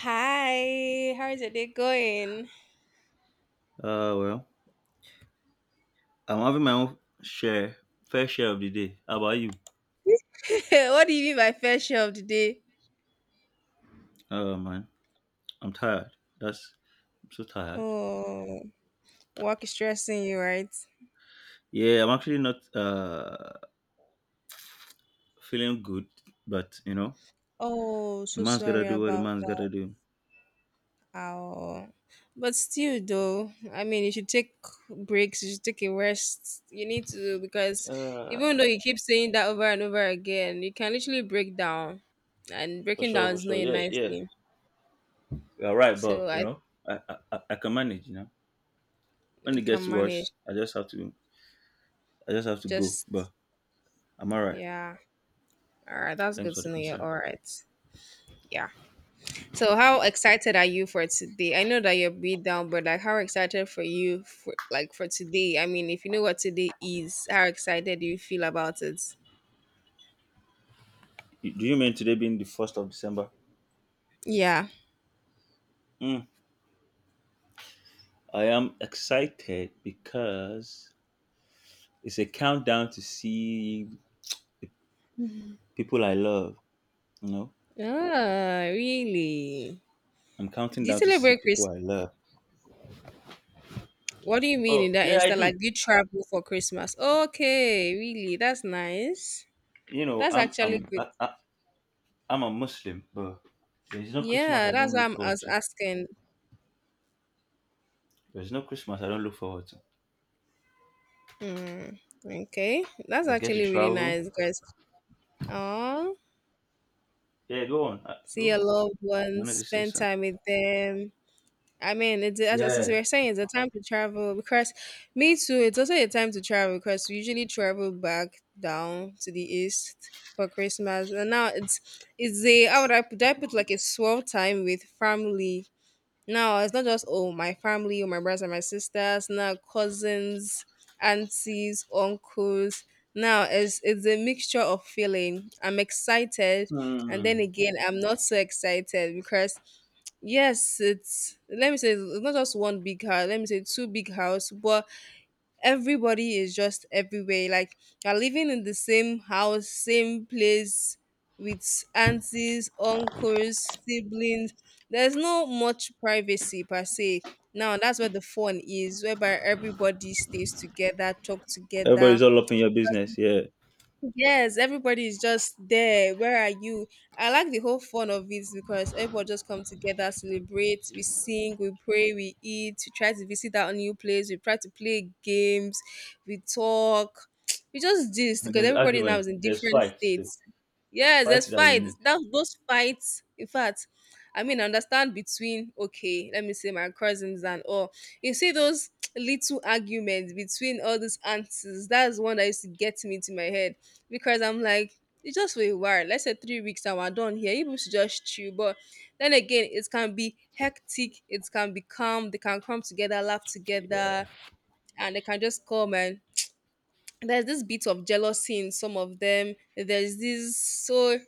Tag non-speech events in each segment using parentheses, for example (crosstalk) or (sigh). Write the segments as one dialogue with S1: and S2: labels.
S1: Hi, how's your day going?
S2: Well, I'm having my own share, fair share of the day. How about you?
S1: (laughs) What do you mean by fair share of the day?
S2: Oh man, I'm tired. That's I'm so tired.
S1: Oh, work is stressing you, right?
S2: Yeah, I'm actually not feeling good, but
S1: Oh,
S2: a
S1: so
S2: man's gotta
S1: sorry
S2: do what a
S1: about
S2: man's gotta
S1: that.
S2: do.
S1: Oh, but still, though, I mean, you should take breaks, you should take a rest. You need to, because even
S2: Uh,
S1: though you keep saying that over and over again, you can literally break down, and
S2: for
S1: breaking
S2: sure,
S1: down
S2: for
S1: is not
S2: sure.
S1: a
S2: Yeah,
S1: nice
S2: yeah.
S1: thing.
S2: You're right,
S1: So
S2: but
S1: I
S2: I can manage. When it
S1: think I can
S2: gets
S1: manage.
S2: worse, I just have to go.
S1: Just,
S2: But I'm alright.
S1: yeah. All right, that's good
S2: Thanks for
S1: to
S2: the
S1: know.
S2: concern.
S1: All right. Yeah. So how excited are you for today? I know that you're beat down, but like how excited for you for like for today? I mean, if you know what today is, how excited do you feel about it?
S2: Do you mean today being the first of December?
S1: Yeah.
S2: Mm, I am excited because it's a countdown to see people I love. You know,
S1: Ah, really?
S2: I'm counting
S1: Do you
S2: down to see
S1: celebrate
S2: people
S1: Christmas?
S2: I love.
S1: What do you mean
S2: Oh
S1: in that
S2: yeah, I
S1: instance?
S2: do.
S1: Like, do you travel for Christmas? Okay, really? That's nice.
S2: You know,
S1: That's
S2: I'm
S1: actually
S2: I'm
S1: good.
S2: I, I, I'm a Muslim, but there's no Christmas
S1: Yeah,
S2: I
S1: that's
S2: don't
S1: what
S2: look
S1: I
S2: forward
S1: was
S2: to.
S1: asking.
S2: There's no Christmas I don't look forward to.
S1: Hmm. Okay, that's
S2: I get to
S1: actually really
S2: travel.
S1: nice, guys. Oh,
S2: Yeah,
S1: see
S2: go
S1: your
S2: on.
S1: loved
S2: You
S1: ones,
S2: wanted to say
S1: spend
S2: something?
S1: time with them. I mean, it's as we
S2: Yeah.
S1: are saying, it's a time to travel because me too. It's also a time to travel because we usually travel back down to the east for Christmas, and now it's a how would I put, do I put like a swell time with family, now it's not just oh my family, or my brothers and my sisters, now cousins, aunties, uncles. Now it's a mixture of feeling. I'm excited and then
S2: Hmm.
S1: again I'm not so excited because yes, it's let me say it's not just one big house, let me say two big house, but everybody is just everywhere. Like you're living in the same house, same place with aunties, uncles, siblings. There's no much privacy per se. Now that's where the fun is, whereby everybody stays together, talk together,
S2: Everybody's all up in your business. Yeah.
S1: yes, everybody is just there. Where are you? I like the whole fun of it because everybody just come together, celebrate, we sing, we pray, we eat, we try to visit that new place, we try to play games, we talk, (tsk) we just this
S2: And
S1: because
S2: there's
S1: everybody now
S2: argument.
S1: is in
S2: There's
S1: different
S2: fights too.
S1: states. Yes, there's
S2: Fights that you
S1: fights.
S2: meet.
S1: That those fights, in fact, I mean, I understand between okay, let me say my cousins and all. You see those (tsk) little arguments between all these aunties. That's one that used to get me into my head because I'm like, it's just for a while. Let's say 3 weeks and we're done here. People should just chill. But then again, it can be hectic. It can be calm. They can come together, laugh together, and they can just come and there's this bit of jealousy in some of them. There's this so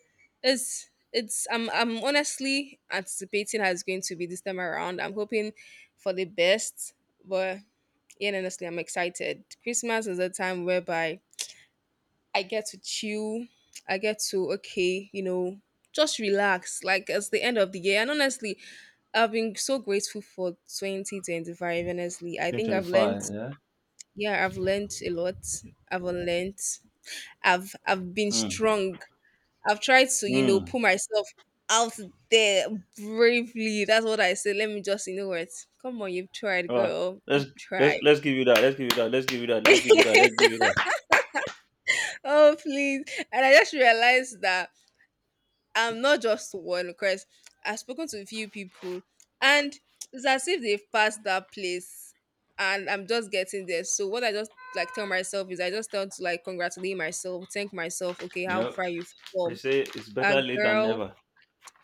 S1: it's I'm honestly anticipating how it's going to be this time around. I'm hoping for the best, but yeah, honestly, I'm excited. Christmas is a time whereby I get to chill. I get to okay, just relax. Like it's the end of the year, and honestly, I've been so grateful for 2025. Honestly, I think I've learned.
S2: 2025. Yeah.
S1: Yeah, I've learned a lot. I've unlearned. I've been
S2: Hmm.
S1: strong. I've tried to
S2: Hmm.
S1: pull myself out there bravely. That's what I said. Let me just you know what. Come on, you've tried,
S2: Well,
S1: girl.
S2: let's
S1: You've tried.
S2: let's give you that. Let's give you that. Let's give you that. Let's
S1: (laughs)
S2: give you that. Let's give you that.
S1: Oh please! And I just realized that I'm not just one because I've spoken to a few people and it's as if they've passed that place and I'm just getting there. So what I just like tell myself is I just tend to like congratulate myself, thank myself, okay,
S2: You
S1: how
S2: know,
S1: far you've
S2: they
S1: come.
S2: say it's
S1: That
S2: better late than
S1: girl.
S2: never.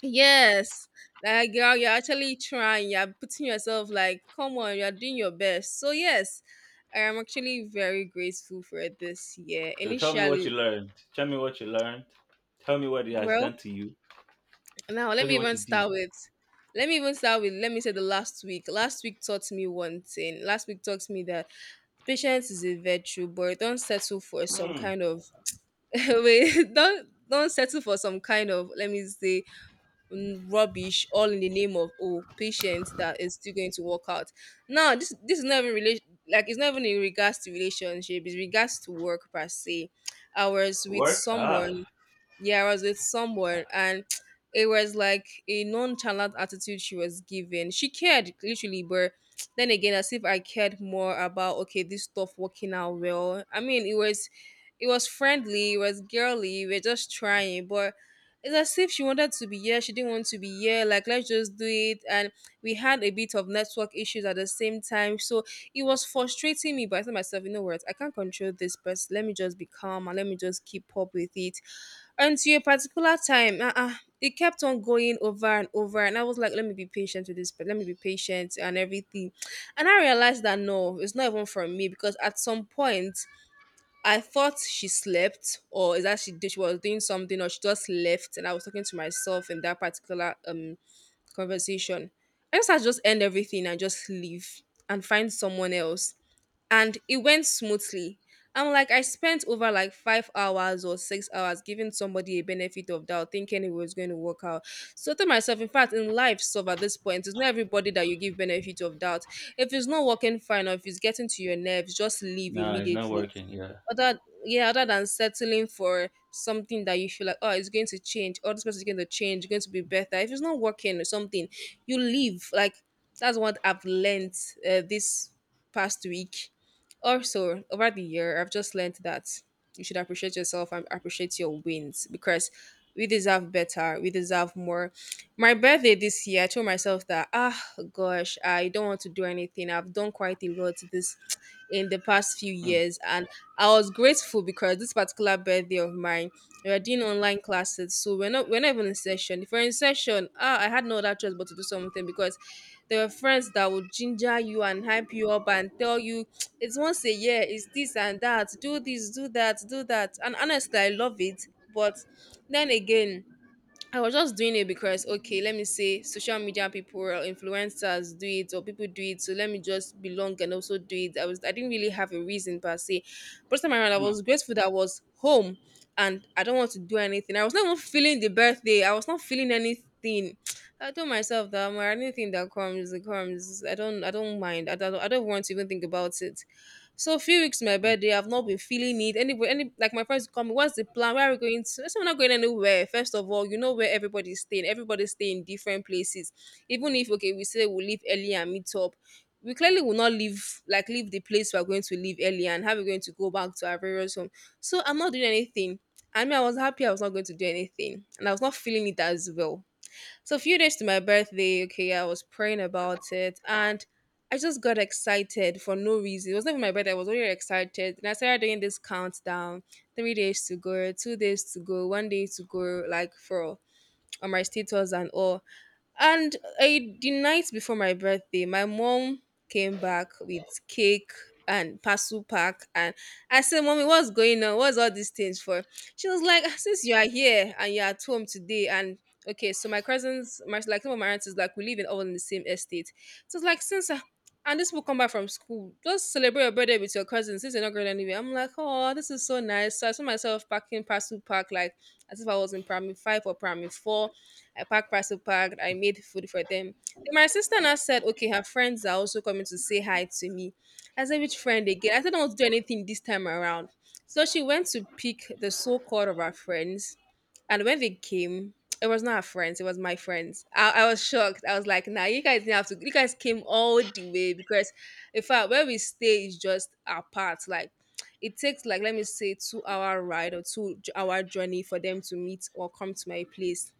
S1: Yes. Like girl, you're actually trying, you're putting yourself like, come on, you're doing your best. So yes, I am actually very grateful for this year.
S2: So tell me what
S1: Initially,
S2: you learned. Tell me what you learned. Tell me what it has
S1: well,
S2: done to you.
S1: now let
S2: Tell
S1: me
S2: me what
S1: even
S2: you did.
S1: start with let me even start with let me say the last week. Last week taught me one thing. Last week taught me that patience is a virtue, but don't settle for some
S2: Hmm.
S1: kind of (laughs) wait, don't settle for some kind of let me say rubbish all in the name of oh patience that is still going to work out. Now this is not even relation, like it's not even in regards to relationship, it's regards to work per se. I was with
S2: Work? Ah.
S1: someone, yeah, I was with someone and (tsk) it was like a nonchalant attitude she was giving. She cared literally, but (tsk) then again, as if I cared more about okay, this stuff working out well. I mean, it was friendly, it was girly, we are just trying, but it's as if she wanted to be here, she didn't want to be here, like let's just do it. And we had a bit of network issues at the same time. So it was frustrating me, but I said myself, you know what, I can't control this, but let me just be calm and let me just keep up with it until a particular time, it kept on going over and over and I was like let me be patient with this, but let me be patient and everything, and I realized that no, it's not even from me because at some point I thought she slept or is that she did, she was doing something or she just left, and I was talking to myself in that particular conversation. I just had to just end everything and just leave and find someone else, and it went smoothly. I'm like, I spent over like 5 hours or 6 hours giving somebody a benefit of doubt, thinking it was going to work out. So I told myself, in fact, in life, so at this point, it's not everybody that you give benefit of doubt. If it's not working fine or if it's getting to your nerves, just leave
S2: No, it's not
S1: immediately.
S2: working. Yeah.
S1: Other Yeah, other than settling for something that you feel like, oh, it's going to change, or this person is going to change, going to be better. If it's not working or something, you leave. Like that's what I've learned this past week. Also, over the year, I've just learned that you should appreciate yourself and appreciate your wins because we deserve better. We deserve more. My birthday this year, I told myself that, ah, gosh, I don't want to do anything. I've done quite a lot this in the past few
S2: Hmm.
S1: years. And I was grateful because this particular birthday of mine, we were doing online classes. So we're not even in session. If we're in session, ah, I had no other choice but to do something because there were friends that would ginger you and hype you up and tell you it's once a year, it's this and that, do this, do that, do that. And honestly, I love it. But then again, I was just doing it because, okay, let me say social media people or influencers do it or people do it. So let me just belong and also do it. I didn't really have a reason per se. First time around, I
S2: Hmm.
S1: was grateful that I was home and I don't want to do anything. I was not even feeling the birthday. I was not feeling anything. (tsk) I told myself that, "Omo, anything that comes, it comes. I don't mind. I don't want to even think about it. So a few weeks to my birthday, I've not been feeling it. Anybody, any like my friends come, what's the plan? Where are we going to? I said, we're not going anywhere. First of all, you know where everybody's staying. Everybody's staying in different places. Even if okay, we say we'll leave early and meet up. We clearly will not leave, like leave the place we're going to, leave early and how we're going to go back to our various home. So I'm not doing anything. I mean, I was happy I was not going to do anything, and I was not feeling it as well. So a few days to my birthday, okay, I was praying about it and I just got excited for no reason. It was not even my birthday, I was already excited. And I started doing this countdown, 3 days to go, 2 days to go, 1 day to go, like for on my status and all. And I, the night before my birthday, my mom came back with cake and parcel pack. And I said, Mommy, what's going on? What's all these things for? She was like, "Ah, since you are here and you're at home today, and okay, so my cousins, my, like some of my aunts, is like, we live in all in the same estate. So it's like, since I, and this will come back from school. Just celebrate your birthday with your cousins since you're not going anywhere. I'm like, oh, this is so nice. So I saw myself packing parcel pack like as if I was in primary five or primary four. I packed parcel packed. I made food for them. Then my sister now said, okay, her friends are also coming to say hi to me. I said, which friend again? I said, I don't want to do anything this time around. So she went to pick the so-called of our friends. And when they came, it was not our friends, it was my friends. I was shocked. I was like, nah, you guys didn't have to, you guys came all the way because in fact where we stay is just apart. Like it takes like let me say 2 hour ride or hour journey for them to meet or come to my place.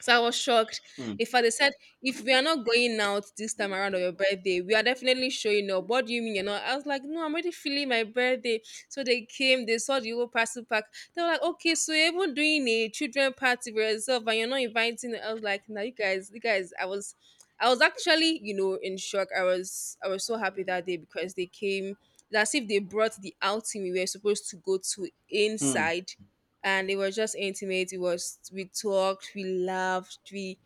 S1: So I was shocked.
S2: Hmm.
S1: In fact, they said, if we are not going out this time around on your birthday, we are definitely showing up. What do you mean you're not? I was like, no, I'm already feeling my birthday. So they came, they saw the whole parcel pack. They were like, okay, so you're even doing a children party for yourself and you're not inviting. I was like, no, you guys, I was actually, you know, in shock. I was so happy that day because they came. It's as if they brought the outing we were supposed to go to
S2: Hmm.
S1: inside, and it was just intimate. It was, we talked, we laughed,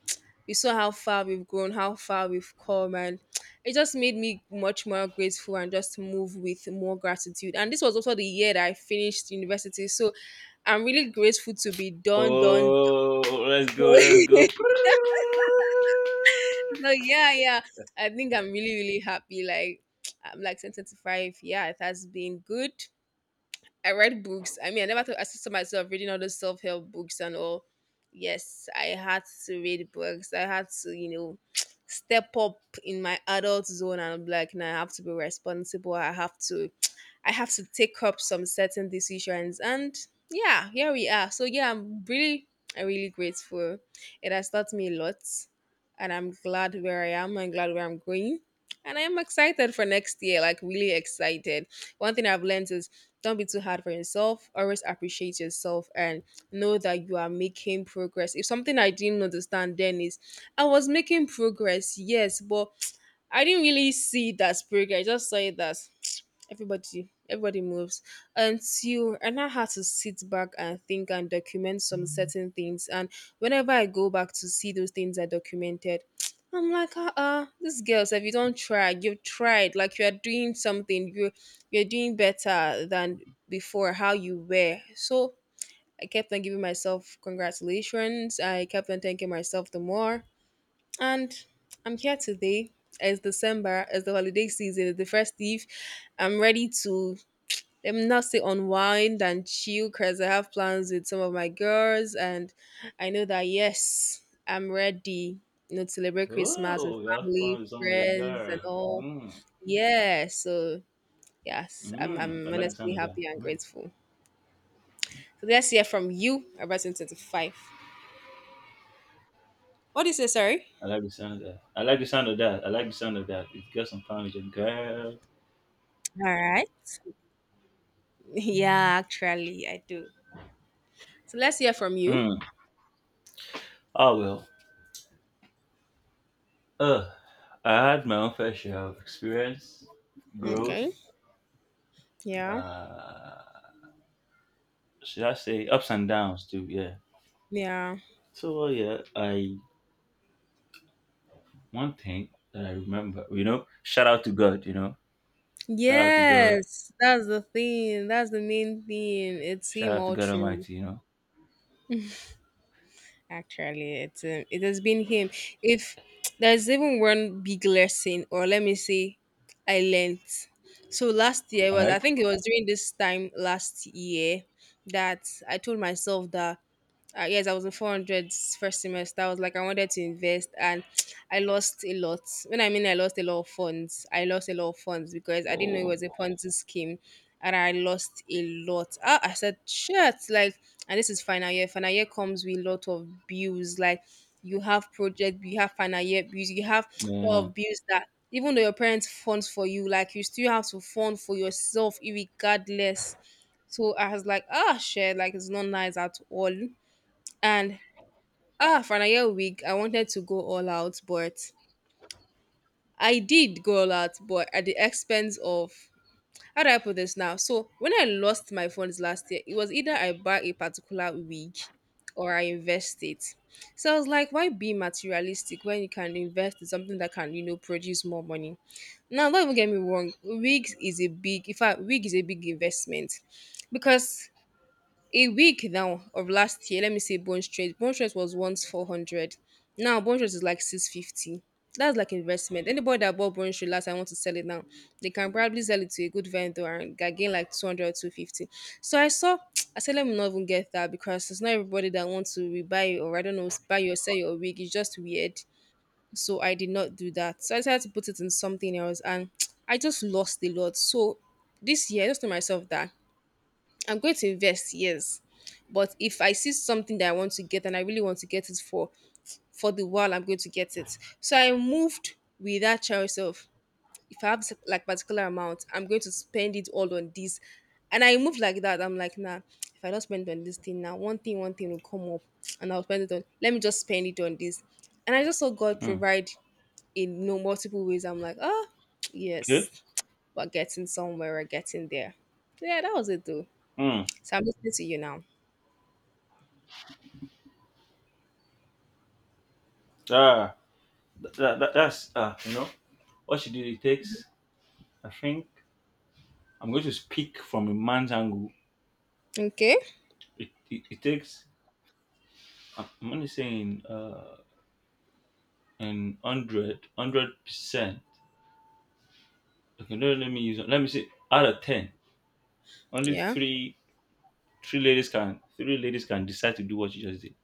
S1: we saw how far we've grown, how far we've come, and (tsk) it just made me much more grateful and just move with more gratitude. And this was also the year that I finished university, so I'm really grateful to be done, done.
S2: Oh, let's
S1: So,
S2: go. Let's go.
S1: (laughs) so yeah, yeah, I think I'm really, really happy. Like (tsk) I'm like 10, 25. Yeah, it has been good. I read books. I mean, I never thought I saw myself reading all those self help books and all. Yes, I had to read books. I had to, you know, (tsk) step up in my adult zone and be like, now I have to be responsible. I have to, (tsk) I have to take up some certain decisions. And yeah, here we are. So yeah, I'm really grateful. It has taught me a lot, and I'm glad where I am. I'm glad where I'm going. And I am excited for next year, like really excited. One thing I've learned is don't be too hard for yourself. Always appreciate yourself and know that you are making progress. If something I didn't understand then is I was making progress, yes, but I didn't really see it as progress. I just saw it as everybody moves until I now had to sit back and think and document some certain things. And whenever I go back to see those things I documented, (tsk) I'm like, these girls, if you don't try, you've tried. Like you are doing something, you're doing better than before how you were. So I kept on giving myself congratulations. I kept on thanking myself the more, and I'm here today. It's December, it's the holiday season, it's the first eve. I'm ready to let not say unwind and chill because I have plans with some of my girls, and I know that yes, I'm ready. You know, to celebrate Christmas with
S2: Oh, you have
S1: family,
S2: fun with some of your
S1: friends, and
S2: girls.
S1: all.
S2: Hmm.
S1: Yeah, so yes,
S2: I
S1: I'm
S2: like the
S1: honestly
S2: sound of that.
S1: happy and
S2: Mm.
S1: grateful. So let's hear from you about 2025. What do you say, sorry?
S2: I like the sound of that. I like the sound of that. I like the sound of that. It got some poundage and girl.
S1: All right. (laughs) Yeah, actually, I do. So let's hear from you.
S2: Hmm. Oh well. Uh, I had my own fair share of experience,
S1: Okay.
S2: growth.
S1: Yeah.
S2: Uh, should I say ups and downs too? Yeah.
S1: Yeah.
S2: So yeah, I one thing that I remember, shout out to God, shout out to God,
S1: Yes, that's the thing. That's the main thing. It's
S2: shout
S1: him
S2: out to
S1: all
S2: God
S1: through.
S2: Almighty.
S1: Actually, it's it has been him. If there's even one big lesson, or let me say, I learned. So last year
S2: All
S1: was, I
S2: right.
S1: think it was during this time last year that I told myself that yes, I was in 400's first semester. I was like, I wanted to invest, and (tsk) I lost a lot. When I mean I lost a lot of funds, I lost a lot of funds because I didn't know it
S2: Oh
S1: was a Ponzi scheme, and I lost a lot. Ah, I said, shit, like, and this is final year. Final year comes with a lot of bills. Like, you have project, you have final year bills, you have (tsk) a lot
S2: man.
S1: of bills that even though your parents funds for you, like, you still have to fund for yourself, regardless. So I was like, ah, shit, like, it's not nice at all. And ah, for another week, I wanted to go all out, but I did go all out, but at the expense of how do I put this now? So when I lost my phones last year, it was either I buy a particular wig or I invest it. So I was like, why be materialistic when you can invest in something that can, you know, produce more money? Now, don't even get me wrong, wigs is a big, in fact, wig is a big investment because a week now of last year, let me say bone straight. Bone straight was once 400. Now bone straight is like 650. That's like investment. Anybody that bought bone straight last, I want to sell it now. They can probably sell it to a good vendor and gain like 200 or 250. So I saw, (tsk) I said, let me not even get that because it's not everybody that wants to rebuy or I don't know, buy or sell your wig. It's just weird. So I did not do that. So I decided to put it in something else and (tsk) I just lost a lot. So this year, I just told myself that I'm going to invest, yes. But if I see something that I want to get and I really want to get it for the while, I'm going to get it. So I moved with that choice of if I have like particular amount, I'm going to spend it all on this. And I moved like that. I'm like, nah, if I don't spend on this thing now, one thing will come up and I'll spend it on, let me just spend it on this. And I just saw God
S2: Hmm.
S1: provide in you multiple ways. I'm like, oh
S2: Good.
S1: yes, we're getting somewhere, we're getting there. So yeah, that was it though.
S2: Hmm.
S1: So I'm listening to you now.
S2: Ah, that's what you do it takes. I think I'm going to speak from a man's angle.
S1: Okay.
S2: It takes, I'm only saying, an hundred hundred percent. Okay, no, let me say, out of 10, only
S1: Yeah.
S2: three ladies can decide to do what you just did.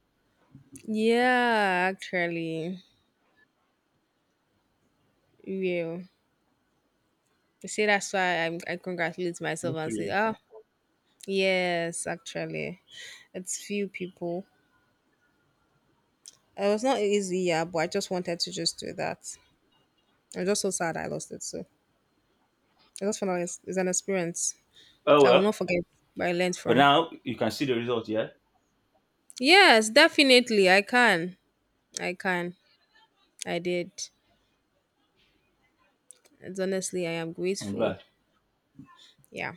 S1: Yeah, actually. Yeah. You see, that's why I'm, I congratulate myself
S2: Just
S1: and say,
S2: three.
S1: ah, yes, actually. It's few people. It was not easy, yeah, but I just wanted to just do that. I'm just so sad I lost it. So I just found like it's an experience
S2: Oh,
S1: that I will
S2: well.
S1: not forget, but I learned
S2: But
S1: from.
S2: now you can see the result, yeah?
S1: Yes, definitely. I can. I can. I did. And honestly, I am
S2: I'm
S1: grateful.
S2: glad.
S1: Yeah.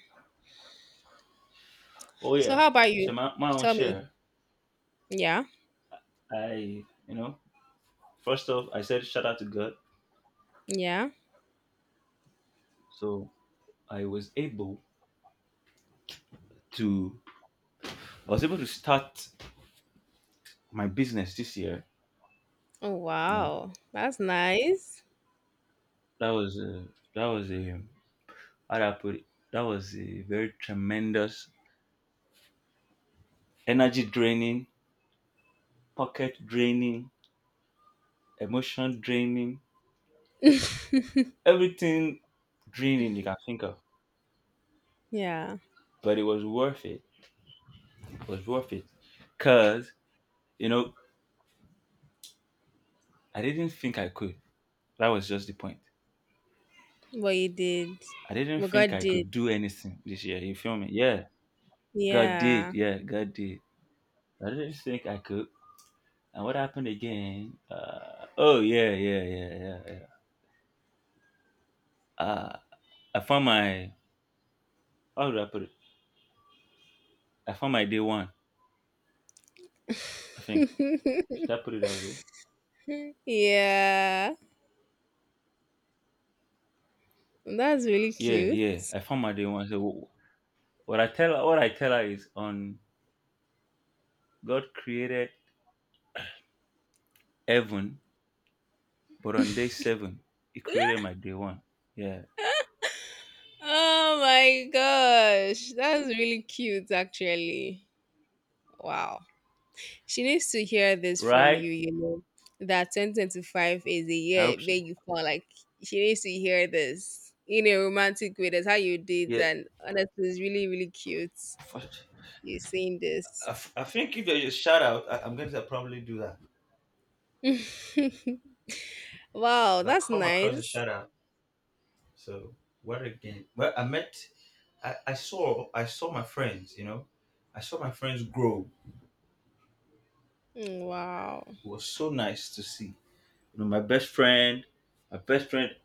S2: Oh,
S1: So
S2: yeah.
S1: how about you?
S2: So my own
S1: Tell me.
S2: share,
S1: Yeah.
S2: I, you know, first off, I said shout out to God.
S1: Yeah.
S2: So I was able to, I was able to start my business this year.
S1: Oh
S2: You know,
S1: wow, that's nice.
S2: that was a, that was a, how do I put it? That was a very tremendous energy draining, pocket draining, emotion draining, everything draining you can think of.
S1: Yeah,
S2: But it was worth it. It was worth it, cause you know I didn't think I could. That was just the point.
S1: what you did,
S2: I didn't
S1: what
S2: think
S1: God
S2: I
S1: did.
S2: could do anything this year. You feel me? Yeah, God did.
S1: Yeah,
S2: Yeah, God did. I didn't think I could. And what happened again? Oh yeah, yeah, yeah, yeah, yeah. Uh, I found my, how do I put it? I found my day one. I think, should I put it that way?
S1: yeah, that's really
S2: Yeah,
S1: cute.
S2: yeah. I found my day one. So what I tell her, is on God created heaven, but on day seven He created my day one. Yeah,
S1: Oh my gosh, that's really cute. Actually, wow. She needs to hear this from
S2: right.
S1: you. You know that 2025 is a
S2: I
S1: year
S2: hope
S1: where
S2: she.
S1: you fall like she needs to hear this in a romantic way. That's how you did,
S2: Yeah.
S1: and honestly, it's really really cute.
S2: First,
S1: You saying this.
S2: I think if there's a shout out, I'm going to probably do that.
S1: Wow,
S2: If I
S1: that's
S2: come across a
S1: nice.
S2: shout out. So where again? Well, I met, I saw my friends. I saw my friends grow.
S1: Mm, wow.
S2: It was so nice to see. You know, my best friend, my best friend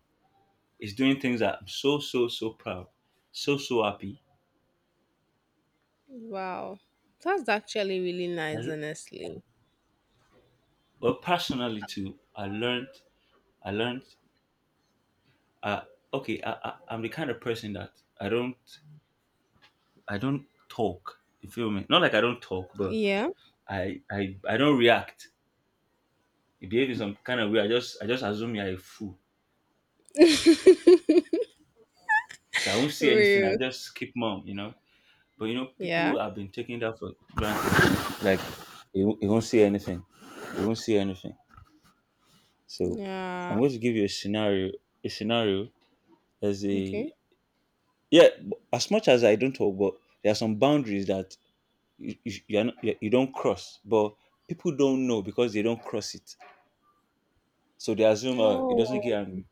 S2: is doing things that I'm so so so proud, so so happy.
S1: Wow. That's actually really
S2: I,
S1: nice,
S2: l-
S1: honestly.
S2: well, personally too, I learned. Uh, okay, I'm the kind of person that I don't I don't talk. You feel me? Not like I don't talk, but
S1: Yeah.
S2: I don't react. You behave in some kind of way. I just assume you're a fool.
S1: (laughs)
S2: So I won't say anything. I
S1: Real.
S2: just keep mum. But
S1: Yeah.
S2: people have been taking that for granted. Like you won't see anything. You won't see anything. So
S1: Yeah.
S2: I'm going to give you a scenario. A scenario as
S1: Okay.
S2: a, yeah. As much as I don't talk, but there are some boundaries that you, are not, you don't cross. But people don't know because they don't cross it. So they assume it doesn't
S1: Oh.
S2: get angry.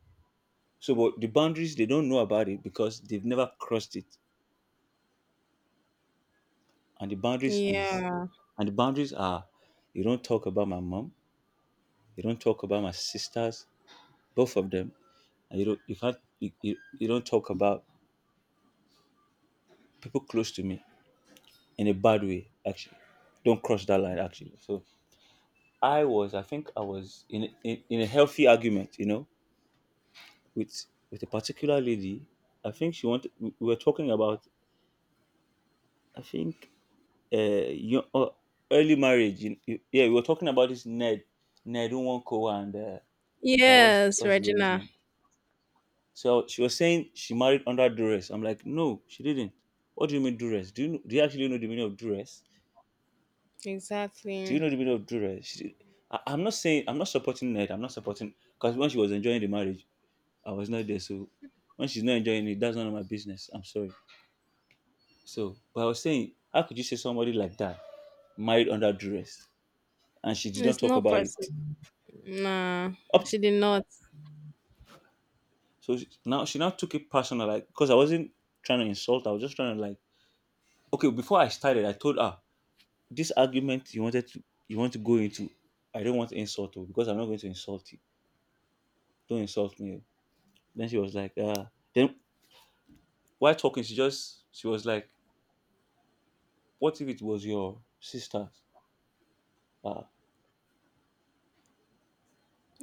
S2: So but the boundaries they don't know about it because they've never crossed it. And the boundaries is
S1: Yeah.
S2: and the boundaries are. You don't talk about my mom. You don't talk about my sisters, both of them. And you can't, you don't talk about people close to me in a bad way, actually. Don't cross that line, actually. So I think I was in a healthy argument, with a particular lady. I think she wanted We were talking about, I think you early marriage, yeah, we were talking about this ned Nwoko and what's
S1: Yes,
S2: the lady's
S1: Regina.
S2: name? So she was saying she married under duress. I'm like, no, she didn't. What do you mean duress? Do you actually know the meaning of duress? Do you
S1: Exactly.
S2: know the meaning of duress? I'm not saying I'm not supporting it. I'm not supporting because when she was enjoying the marriage, I was not there. So when she's not enjoying it, that's none of my business. I'm sorry. So, but I was saying, how could you say somebody like that married under duress and she did not
S1: It's
S2: talk
S1: not
S2: about it?
S1: person. Nah,
S2: Up
S1: she
S2: t-
S1: did not.
S2: so she, Now she now took it personal, like because I wasn't trying to insult. I was just trying to, like, okay, before I started, I told her this argument you want to go into. I don't want to insult you because I'm not going to insult you. Don't insult me. Oh. Then she was like, ah. Then while talking, she was like, what if it was your sister? Ah,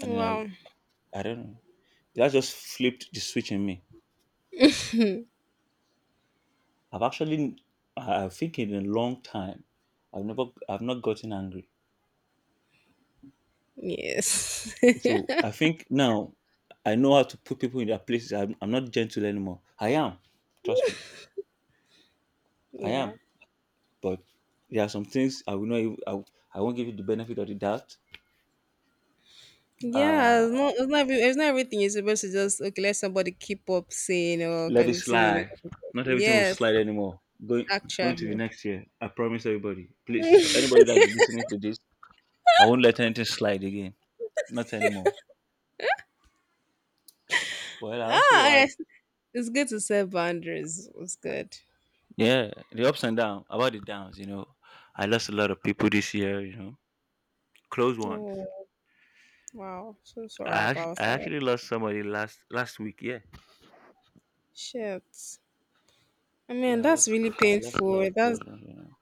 S2: and then
S1: Wow.
S2: I don't know. That just flipped the switch in me. I've actually I think in a long time, I've not gotten angry.
S1: Yes.
S2: So I
S1: (laughs)
S2: think now I know how to put people in their places. I'm not gentle anymore. I am. Trust me. I
S1: Yeah.
S2: am. But there are some things I will not. Even, I won't give you the benefit of the doubt.
S1: Yeah,
S2: Uh,
S1: it's not every- it's not everything you're supposed to just okay, let somebody keep up saying or
S2: Let it
S1: continue.
S2: slide. Not everything will
S1: Yes,
S2: slide anymore. Going to the
S1: actually.
S2: next year. I promise everybody. Please,
S1: (laughs)
S2: anybody that's listening to this, I won't let anything slide again. Not anymore. Well, I
S1: Ah,
S2: also had,
S1: yes. It's good to set boundaries. It's good.
S2: yeah, the ups and downs. About the downs, I lost a lot of people this year. Close ones.
S1: Oh, wow. So sorry about
S2: I
S1: that.
S2: actually lost somebody last week. Yeah.
S1: Shit. I mean,
S2: Yeah,
S1: that's really
S2: I lost a lot
S1: painful.
S2: of close ones.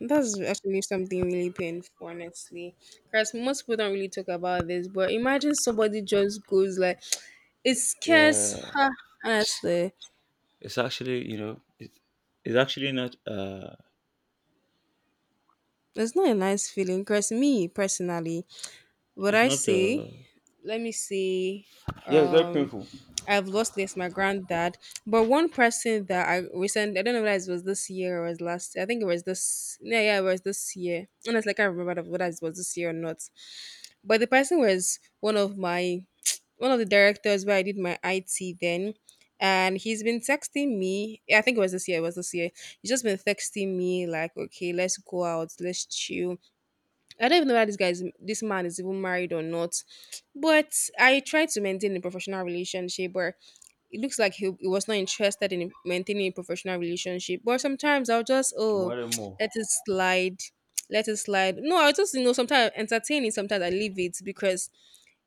S1: That's actually something really painful, honestly. Because most people don't really talk about this, but imagine somebody just goes like, (sniffs) (tsk) it scares
S2: Yeah.
S1: her.
S2: S-
S1: Honestly,
S2: It's actually, it's actually not,
S1: it's not a nice feeling. Because me personally, what
S2: it's
S1: I
S2: not,
S1: say, let me see.
S2: yeah, it's very
S1: um,
S2: painful.
S1: I've lost this, my granddad. But one person that I recently, I don't know whether it was this year or it was last year. I think it was this, yeah, yeah, it was this year. Honestly, I can't remember whether it was this year or not. But the person was one of my, (tsk) one of the directors where I did my IT then. And he's been texting me. Yeah, I think it was this year. It was this year. He's just been texting me like, okay, let's go out, let's chill. I don't even know whether this man is even married or not, but I try to maintain a professional relationship. But it looks like he was not interested in maintaining a professional relationship. But sometimes I'll just,
S2: You
S1: oh,
S2: want it
S1: (tsk)
S2: more.
S1: let it slide, (tsk) let it slide. No, I just, you know, sometimes entertaining, sometimes I leave it because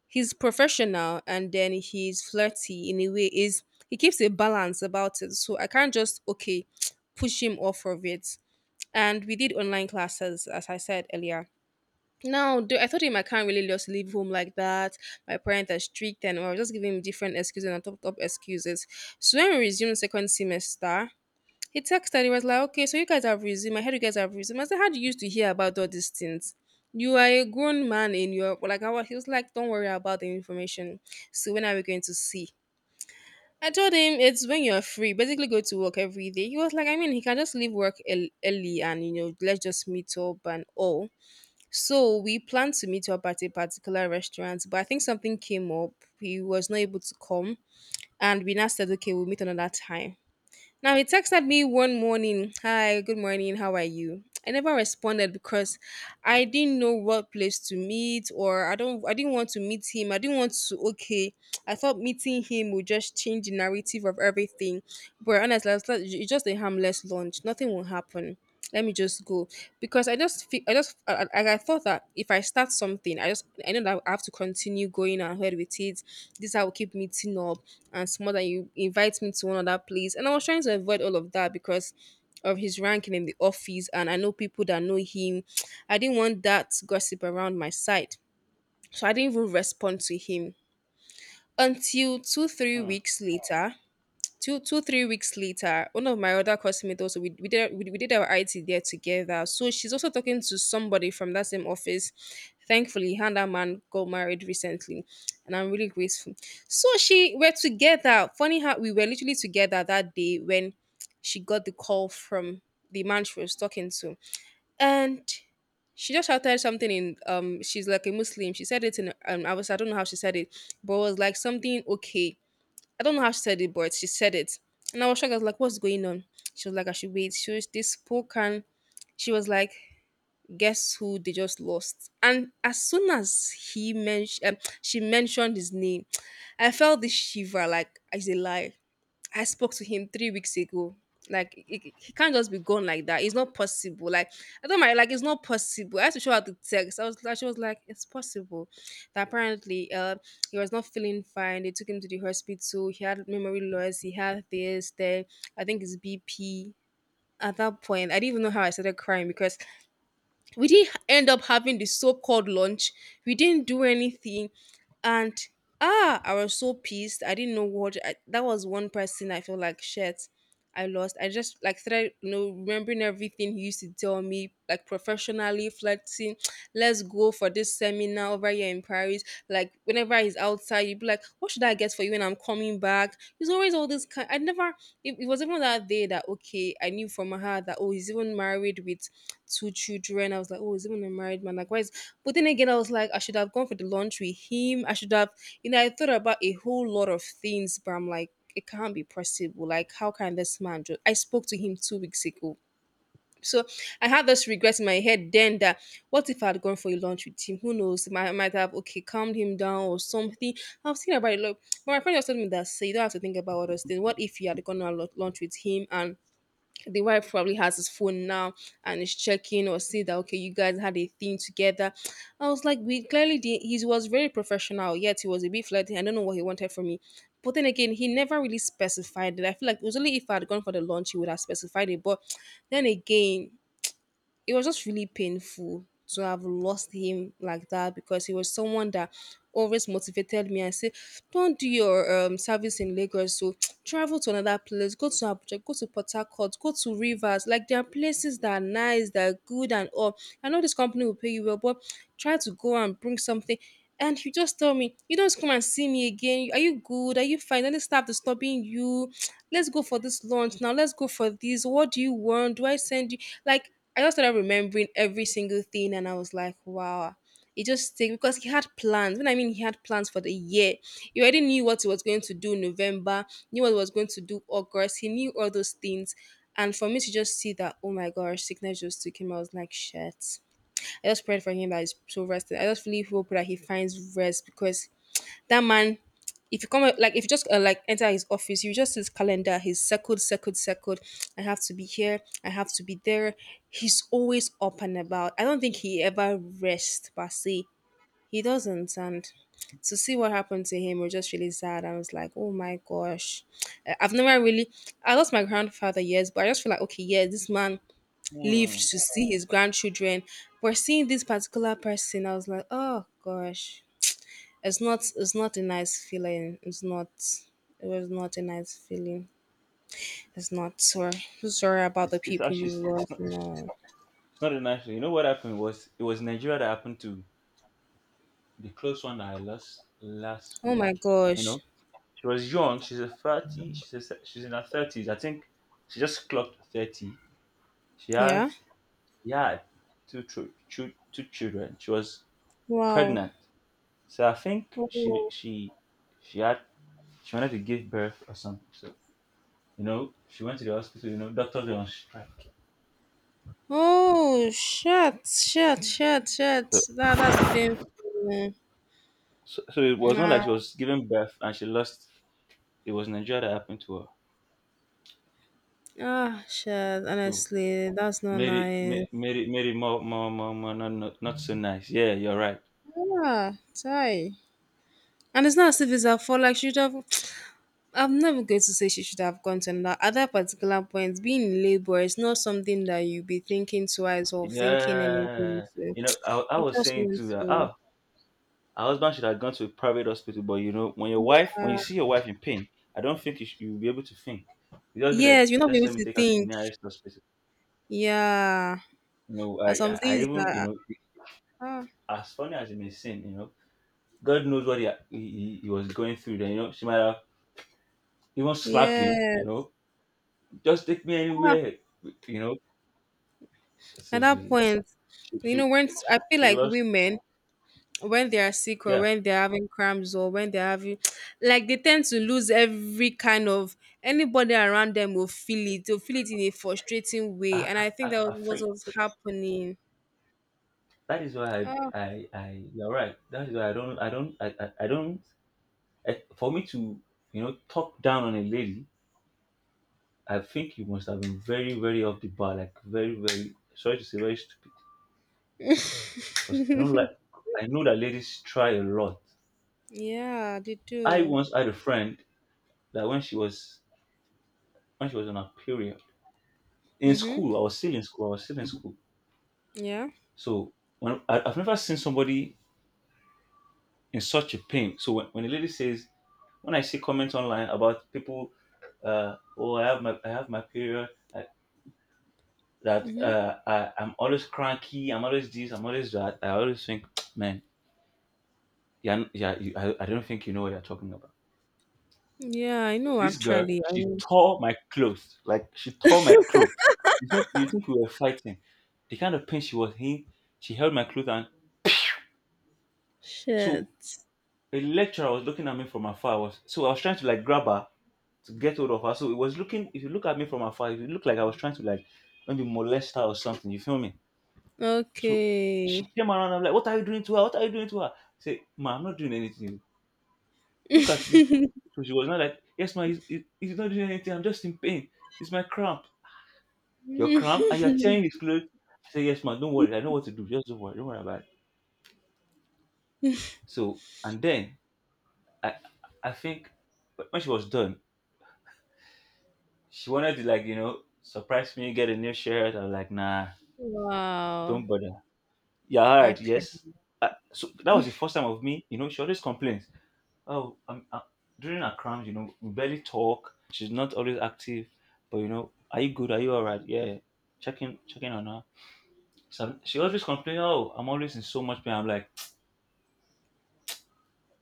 S1: he's professional and then he's flirty in a way. Is He keeps a balance about it, so I can't just okay (tsk) push him off of it. And we did online classes, as I said earlier now, though, I told him I can't really just leave home like that. My parents are strict, and I was just giving him different excuses and top excuses. So when we resumed second semester, he texted. He was like, "Okay, so you guys have resumed. I heard you guys have resumed." I said, "How do you used to hear about all these things? You are a grown man in your" Like I was, he was like, "Don't worry about the information. So when are we going to see?" I told him it's when you're free. Basically, go to work every day. He was like, "I mean, he can just leave work early and you know, let's just meet up and all." So we planned to meet up at a particular restaurant, but I think something came up. He was not able to come, and we now said, okay, we'll meet another time. Now he texted me one morning, hi, good morning, how are you? I never responded because I didn't know what place to meet or I didn't want to meet him. I didn't want to okay. I thought meeting him would just change the narrative of everything. But honestly, I was like, it's just a harmless lunch. Nothing will happen. Let me just go because I just I thought that if I start something, I just I know that I have to continue going ahead with it. This I will keep meeting up and some other you invite me to one other place and I was trying to avoid all of that because of his ranking in the office, and I know people that know him. (tsk) I didn't want that gossip around my side, so I didn't even respond to him until two three
S2: Hmm.
S1: weeks later. Two three weeks later, one of my other customers, also we did our IT there together, so she's also talking to somebody from that same office. Thankfully her and that man got married recently, and I'm really grateful. So she we're together. Funny how we were literally together that day when she got the call from the man she was talking to. And she just shouted something in she's like a Muslim, she said it in I was I don't know how she said it, but it was like something okay. I don't know how she said it, but she said it. And I was shocked. I was like, what's going on? She was like, I should wait. She was this poor can. She was like, guess who they just lost? And as soon as he mentioned, she mentioned his name, I felt this shiver. Like it's a lie. I spoke to him 3 weeks ago. Like he can't just be gone like that. It's not possible. Like I don't mind. Like it's not possible. I had to show her the text. I was like, she was like, it's possible. That apparently, he was not feeling fine. They took him to the hospital. He had memory loss. He had this. Then I think it's BP. At that point, I didn't even know how I started crying because we didn't end up having the so-called lunch, we didn't do anything. And ah, I was so pissed, I didn't know what that was one person. I feel like shit I lost. I just like started, you know, remembering everything he used to tell me, like professionally flirting. (tsk) Let's go for this seminar over here in Paris. Like whenever he's outside, you'd be like, "What should I get for you when I'm coming back?" He's always all this kind. I never. It was even that day that okay, I knew from my heart that oh, he's even married with two children. I was like, oh, he's even a married man. Like, why is? But then again, I was like, I should have gone for the lunch with him. I should have, you know, I thought about a whole lot of things, but I'm like it can't be possible. Like, how can this man do? I spoke to him 2 weeks ago. So I had this regret in my head then that what if I had gone for a lunch with him? Who knows? I might have okay calmed him down or something. I've seen about it. Look, but my friend was telling me that say you don't have to think about all those things. What if you had gone on a lunch with him and the wife probably has his phone now and is checking or see that okay you guys had a thing together. I was like, we clearly did. He was very professional yet he was a bit flirty. I don't know what he wanted from me, but then again he never really specified it. I feel like it was only if I had gone for the lunch he would have specified it, but then again it was just really painful to have lost him like that, because he was someone that always motivated me and said, don't do your service in Lagos, so (tsk) travel to another place, go to Abuja, go to Port Harcourt, go to Rivers. Like, there are places that are nice, that are good, and all. I know this company will pay you well, but try to go and bring something. And he just told me, you don't come and see me again. Are you good? Are you fine? Don't stop disturbing you. (tsk) Let's go for this lunch now. Let's go for this. What do you want? Do I send you? Like, I just started remembering every single thing, and I was like, wow. It just take because he had plans. When I mean he had plans for the year, he already knew what he was going to do in November, knew what he was going to do August. He knew all those things, and for me to just see that, oh my gosh, sickness just took him. I was like, shit. I just prayed for him that he's so rested. I just really hope that he finds rest because that man, if you come like if you just like enter his office, you just see his calendar, his circled, circled, circled. I have to be here. I have to be there. He's always up and about. I don't think he ever rests per se. He doesn't, and to see what happened to him was just really sad. I was like, oh my gosh, I've never really. I lost my grandfather years, but I just feel like okay, yeah, this man
S2: Hmm.
S1: lived to see his grandchildren. But seeing this particular person, I was like, oh gosh, it's not a nice feeling, it's not, it was not a nice feeling, it's not, sorry. So sorry about the
S2: It's
S1: people you
S2: actually,
S1: lost.
S2: it's
S1: No,
S2: not a nice thing. You know what happened was, it was Nigeria that happened to the close one that I lost last
S1: oh
S2: week.
S1: my
S2: You
S1: gosh.
S2: know, she was young. She's a 30, she's in her 30s. I think she just clocked 30. She
S1: Yeah.
S2: has, she had two children. She was
S1: Wow.
S2: pregnant. So I think
S1: Oh,
S2: she had she wanted to give birth or something. So, she went to the hospital. Doctors were on strike.
S1: oh shit shit shit shit,
S2: So,
S1: that's painful.
S2: it was not
S1: Nah.
S2: like she was giving birth and she lost. It was Nigeria that happened to her.
S1: Ah shit,
S2: So
S1: honestly that's not
S2: made it, ma-
S1: nice.
S2: made it more not so nice. Yeah, you're right.
S1: Yeah, tie. And it's not as if it's her fault. Like she should have I'm never going to say she should have gone to another. At that particular point, being in labor is not something that you be thinking twice or thinking anything.
S2: Yeah.
S1: So
S2: I
S1: you
S2: was
S1: just
S2: saying
S1: want
S2: to her,
S1: to.
S2: oh, her husband should have gone to a private hospital, but when you see your wife in pain, I don't think you'll be able to think. You just be like,
S1: Yes, you'll not be
S2: just
S1: able
S2: let me
S1: to
S2: take her to the
S1: think.
S2: nearest hospital.
S1: Yeah.
S2: I,
S1: And some
S2: I, I
S1: things
S2: even,
S1: that. Ah,
S2: as funny as it may seem, God knows what he was going through then, she might have even slapped him,
S1: yes.
S2: just take me
S1: Ah,
S2: anywhere, you know.
S1: at
S2: So
S1: that point,
S2: she,
S1: you know,
S2: she,
S1: when I feel
S2: she
S1: like
S2: lost,
S1: women, when they are sick or
S2: yeah.
S1: when they're having cramps or when they're having (tsk) like they tend to lose every kind of, anybody around them will feel it, they'll feel it in a frustrating way,
S2: I,
S1: and
S2: I,
S1: I think
S2: I
S1: that
S2: I
S1: was
S2: think
S1: what was happening.
S2: that is why
S1: Ah.
S2: you're right. That is why I don't, I, for me to, talk down on a lady, I think you must have been very, very off the bar, like very, very, sorry to say, very stupid. Because I don't like,
S1: (laughs)
S2: I know that ladies try a lot.
S1: Yeah they
S2: I
S1: do.
S2: once had a friend that when she was on her period in
S1: Mm-hmm.
S2: school. I was still in school. I was still in school.
S1: Yeah.
S2: So I've never seen somebody in such a pain. So when when I see comments online about people, oh, I have my period, I,
S1: Mm-hmm.
S2: I'm always cranky, I'm always this, I'm always that. I always think, (tsk) man, yeah, yeah, I don't think you know what you're talking about.
S1: Yeah, I know,
S2: This girl,
S1: actually I
S2: she
S1: know.
S2: tore my clothes. Like she tore my clothes. You think we were fighting? The kind of pain she was in, she held my clothes, and so
S1: Shit.
S2: a lecturer was looking at me from afar. I was trying to like grab her to get hold of her. So it was looking if you look at me from afar, it looked like I was trying to like maybe molest her or something. You feel me? So she
S1: Okay.
S2: came around. I'm like, what are you doing to her? What are you doing to her? I said, ma, I'm not doing anything. Look at this.
S1: (laughs)
S2: So she was not like, yes, ma, he's not doing anything. I'm just in pain. It's my cramp. You're cramped and you're tearing his clothes. I said, yes, man, don't worry. I know what to do. Just don't worry. Don't worry about it. So, and then I, I think when she was done, she wanted to, like, surprise me, get a new shirt. I was like, nah,
S1: Wow.
S2: don't bother. Yeah, all right, yes.
S1: Actually.
S2: So that was the first time of me, she always complains. Oh, I'm, I during her cramps, we barely talk. She's not always active, but, are you good? Are you all right? Yeah. Checking on her. So she always complains, oh, I'm always in so much pain. I'm like,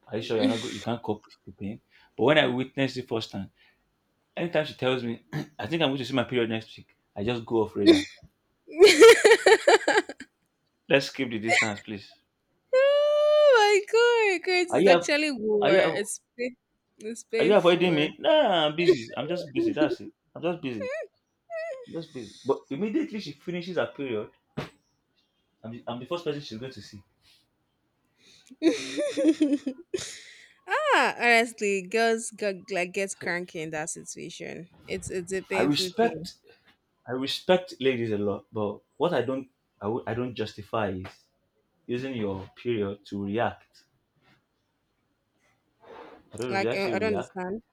S2: are you sure you're not go- you can't cope with the pain? But when I witnessed it first time, anytime she tells me, (clears throat) I think I'm going to see my period next week, I just go off radar.
S1: (laughs)
S2: Let's keep the distance, please.
S1: Oh my god, Chris,
S2: Are
S1: it's
S2: you av-
S1: actually
S2: are
S1: war.
S2: you av-
S1: It's pain- it's
S2: are you avoiding
S1: painful.
S2: me? Nah, I'm busy. I'm just busy. That's it. I'm just busy. I'm just busy. But immediately she finishes her period, I'm the first person she's going to see.
S1: (laughs) Ah, honestly, girls got like gets
S2: So
S1: cranky in that situation. It's a
S2: I
S1: painful thing.
S2: respect I respect ladies a lot, but what I don't justify is using your period to react. I don't know, should
S1: Like
S2: I say
S1: I don't
S2: react?
S1: understand.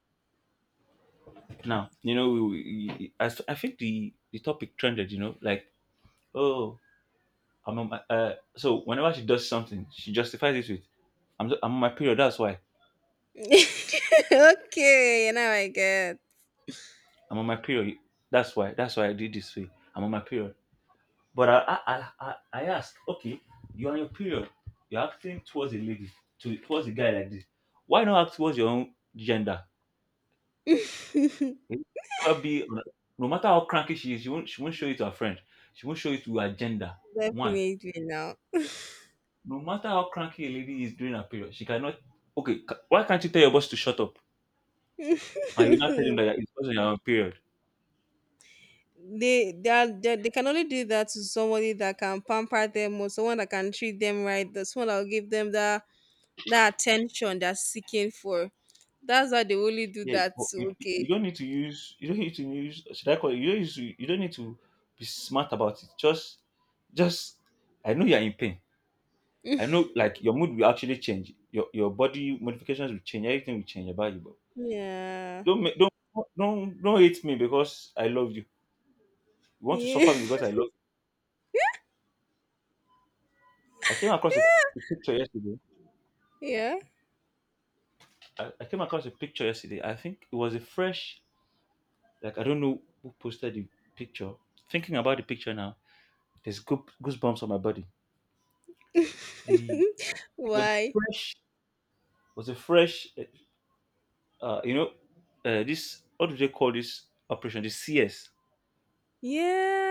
S2: Now, I think the topic trended, like, oh, so whenever she does something, she justifies it with, I'm on my period, that's why.
S1: (laughs) Okay, now I get.
S2: I'm on my period, that's why. That's why I did this way. I'm on my period. But I ask, okay, you're on your period. You're acting towards a lady, towards a guy like this. Why not act towards your own gender?
S1: (laughs)
S2: It will never be. No matter how cranky she is, she won't show it to her friend. She won't show it to her gender. One
S1: Definitely now.
S2: No matter how cranky a lady is during her period, she cannot. Okay, why can't you tell your boss to shut up? And you not tell him
S1: (laughs)
S2: that it's because you're on period.
S1: They, are, they can only do that to somebody that can pamper them or someone that can treat them right. That's someone that will give them that, that attention they're seeking for. That's why they only do
S2: Yeah,
S1: that
S2: but
S1: to
S2: you
S1: okay.
S2: don't need to use. You don't need to use. Should I call it? You don't use. You don't need to be smart about it. Just. I know you're in pain. I know, like your mood will actually change. Your body modifications will change. Everything will change about you. But
S1: Yeah.
S2: don't ma- don't hate me because I love you. You want to
S1: Yeah.
S2: suffer me because I love you. I came across a picture yesterday.
S1: (laughs) Yeah.
S2: I came across a picture yesterday. I think it was a fresh, like I don't know who posted the picture. Thinking about the picture now, there's goosebumps on my body. The It was a
S1: Why?
S2: fresh, was a fresh, uh, you know, this, what do they call this operation? The CS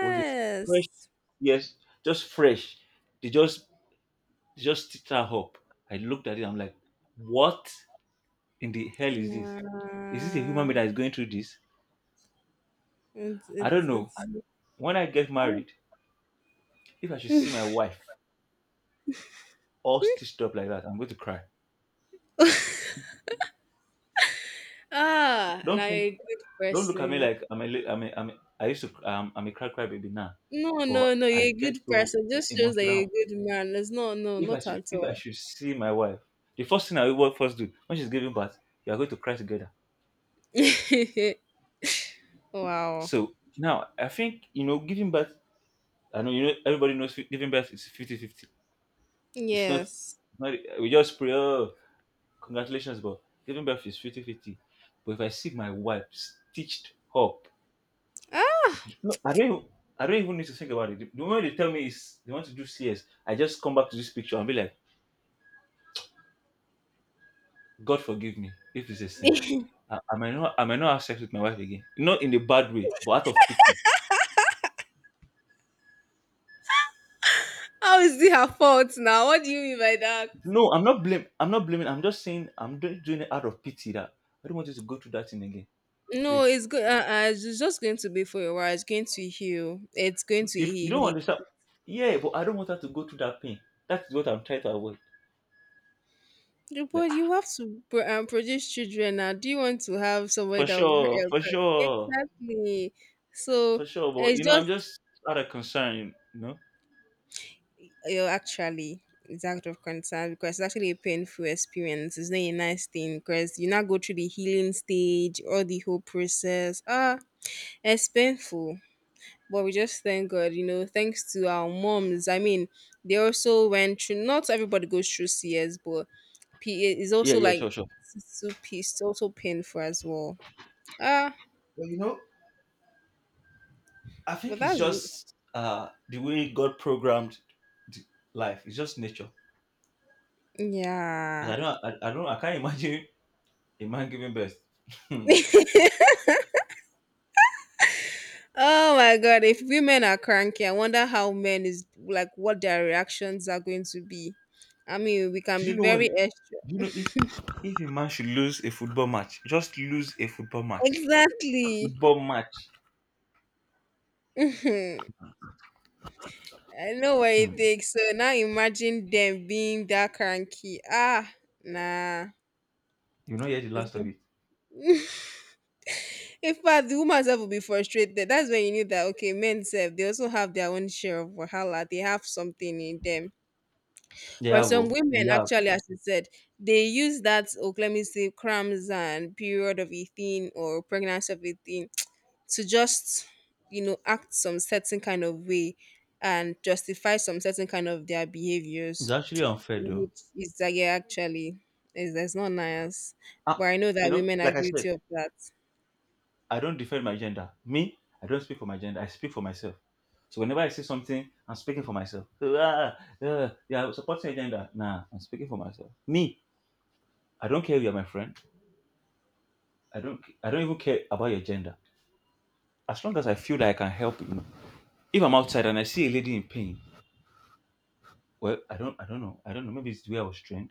S2: was a fresh, yes, just fresh. They just they just stitched her up. I looked at it. I'm like, what in the hell is this? Is this a human
S1: Nah.
S2: being that is going through this? I don't
S1: It's
S2: know. When I get
S1: hard.
S2: married, if I should see my wife all stitched up like that, I'm going to cry.
S1: Ah
S2: Don't
S1: now you're
S2: think,
S1: a good
S2: don't look at me
S1: person.
S2: like I'm a, li- I'm a, I'm a I'm a cry baby now,
S1: No, no,
S2: but
S1: no,
S2: I
S1: you're a
S2: get
S1: good
S2: so
S1: person. Just shows that you're a
S2: emotional.
S1: good man. It's no no,
S2: If I
S1: not
S2: should,
S1: at
S2: if I
S1: all.
S2: should see my wife, the first thing I will first do when she's giving birth, we are going to cry together.
S1: (laughs) Wow.
S2: So now I think you know, giving birth. I know you know everybody knows giving birth is fifty fifty. It's not, it's
S1: Yes.
S2: not. We just pray. Oh, congratulations, but giving birth is fifty fifty. But if I see my wife stitched up.
S1: Ah,
S2: No, I don't. I don't even need to think about it. The moment they tell me is they want to do CS, I just come back to this picture and be like, God forgive me if this is sin. I might not. I might not have sex with my wife again. Not in a bad way, but out of pity.
S1: how is it her fault now? What do you mean by that?
S2: No, I'm not blame. I'm not blaming. I'm just saying I'm doing it out of pity that I don't want you to go through that thing again.
S1: No,
S2: Please,
S1: it's good. It's just going to be for a while. It's going to heal. It's going to
S2: if you
S1: heal.
S2: don't
S1: heal.
S2: understand. Yeah, but I don't want her to go through that pain. That's what I'm trying to avoid.
S1: Yeah,
S2: Like,
S1: but you have to produce children now. Do you want to have somebody
S2: for
S1: that will
S2: sure, for sure,
S1: exactly? So
S2: for sure. But,
S1: it's
S2: I'm
S1: just
S2: just out of concern. You know.
S1: actually it's act of concern because it's actually a painful experience. It's not a nice thing because you now go through the healing stage or the whole process. Ah, it's painful. But we just thank God, thanks to our moms. I mean, they also went through, not everybody goes through CS, but PA is
S2: Yeah,
S1: also
S2: yeah,
S1: like,
S2: sure, sure.
S1: it's also painful as well. Ah,
S2: But, I
S1: but
S2: think it's
S1: that's,
S2: just the way God programmed the life. It's just nature. Because
S1: yeah.
S2: I can't imagine a man giving birth. Hmm.
S1: Oh my God, if women are cranky, I wonder how men is, like, what their reactions are going to be. I mean, we can
S2: Do
S1: be
S2: you know what?
S1: very extra.
S2: Do you know if a man should lose a football match, just lose a football match.
S1: Exactly.
S2: Football match.
S1: (laughs) I know what it
S2: Hmm.
S1: takes. So now imagine them being that cranky. Ah, nah.
S2: You know, hear the
S1: It's
S2: last of
S1: good.
S2: it.
S1: In fact, the woman herself will be frustrated. That's when you knew that okay, men self they also have their own share of wahala. They have something in them.
S2: Yeah,
S1: But some
S2: well, we
S1: women
S2: have.
S1: actually, as you said, they use that oh let me say cramps and period of eating or pregnancy of eating to just act some certain kind of way and justify some certain kind of their
S2: It's
S1: behaviors,
S2: actually unfair though.
S1: which is like yeah, actually is that's not nice. But
S2: Ah,
S1: I know
S2: you
S1: that
S2: know,
S1: women are
S2: like I said.
S1: guilty of that.
S2: I don't defend my gender. Me, I don't speak for my gender. I speak for myself. So whenever I say something, I'm speaking for myself. So, yeah, yeah, supporting your gender. Nah, I'm speaking for myself. Me, I don't care if you're my friend. I don't. I don't even care about your gender. As long as I feel that I can help you. If I'm outside and I see a lady in pain, well, I don't. I don't know. I don't know. Maybe it's the way I was trained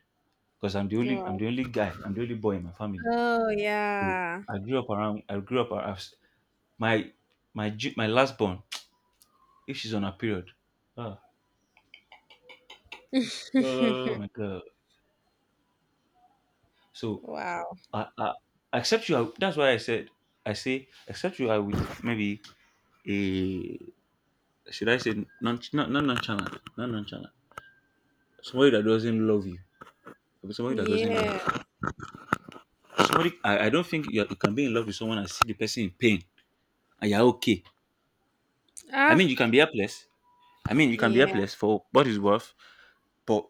S2: because I'm the only.
S1: Yeah.
S2: I'm the only guy. I'm the only boy in my family.
S1: Oh
S2: So
S1: yeah.
S2: I grew up around. I grew up around my my last born. If she's on her period. Ah. Oh my God. So
S1: Wow.
S2: I except you are, that's why I said I say except you are with maybe a, should I say, non not non nonchalant not nonchalant, somebody that doesn't love you, somebody that doesn't
S1: Yeah.
S2: like you. Somebody, I don't think you can be in love with someone and see the person in pain and you're okay. I
S1: Ah.
S2: mean you can be helpless. I mean you can be
S1: Yeah.
S2: helpless for what is worth. But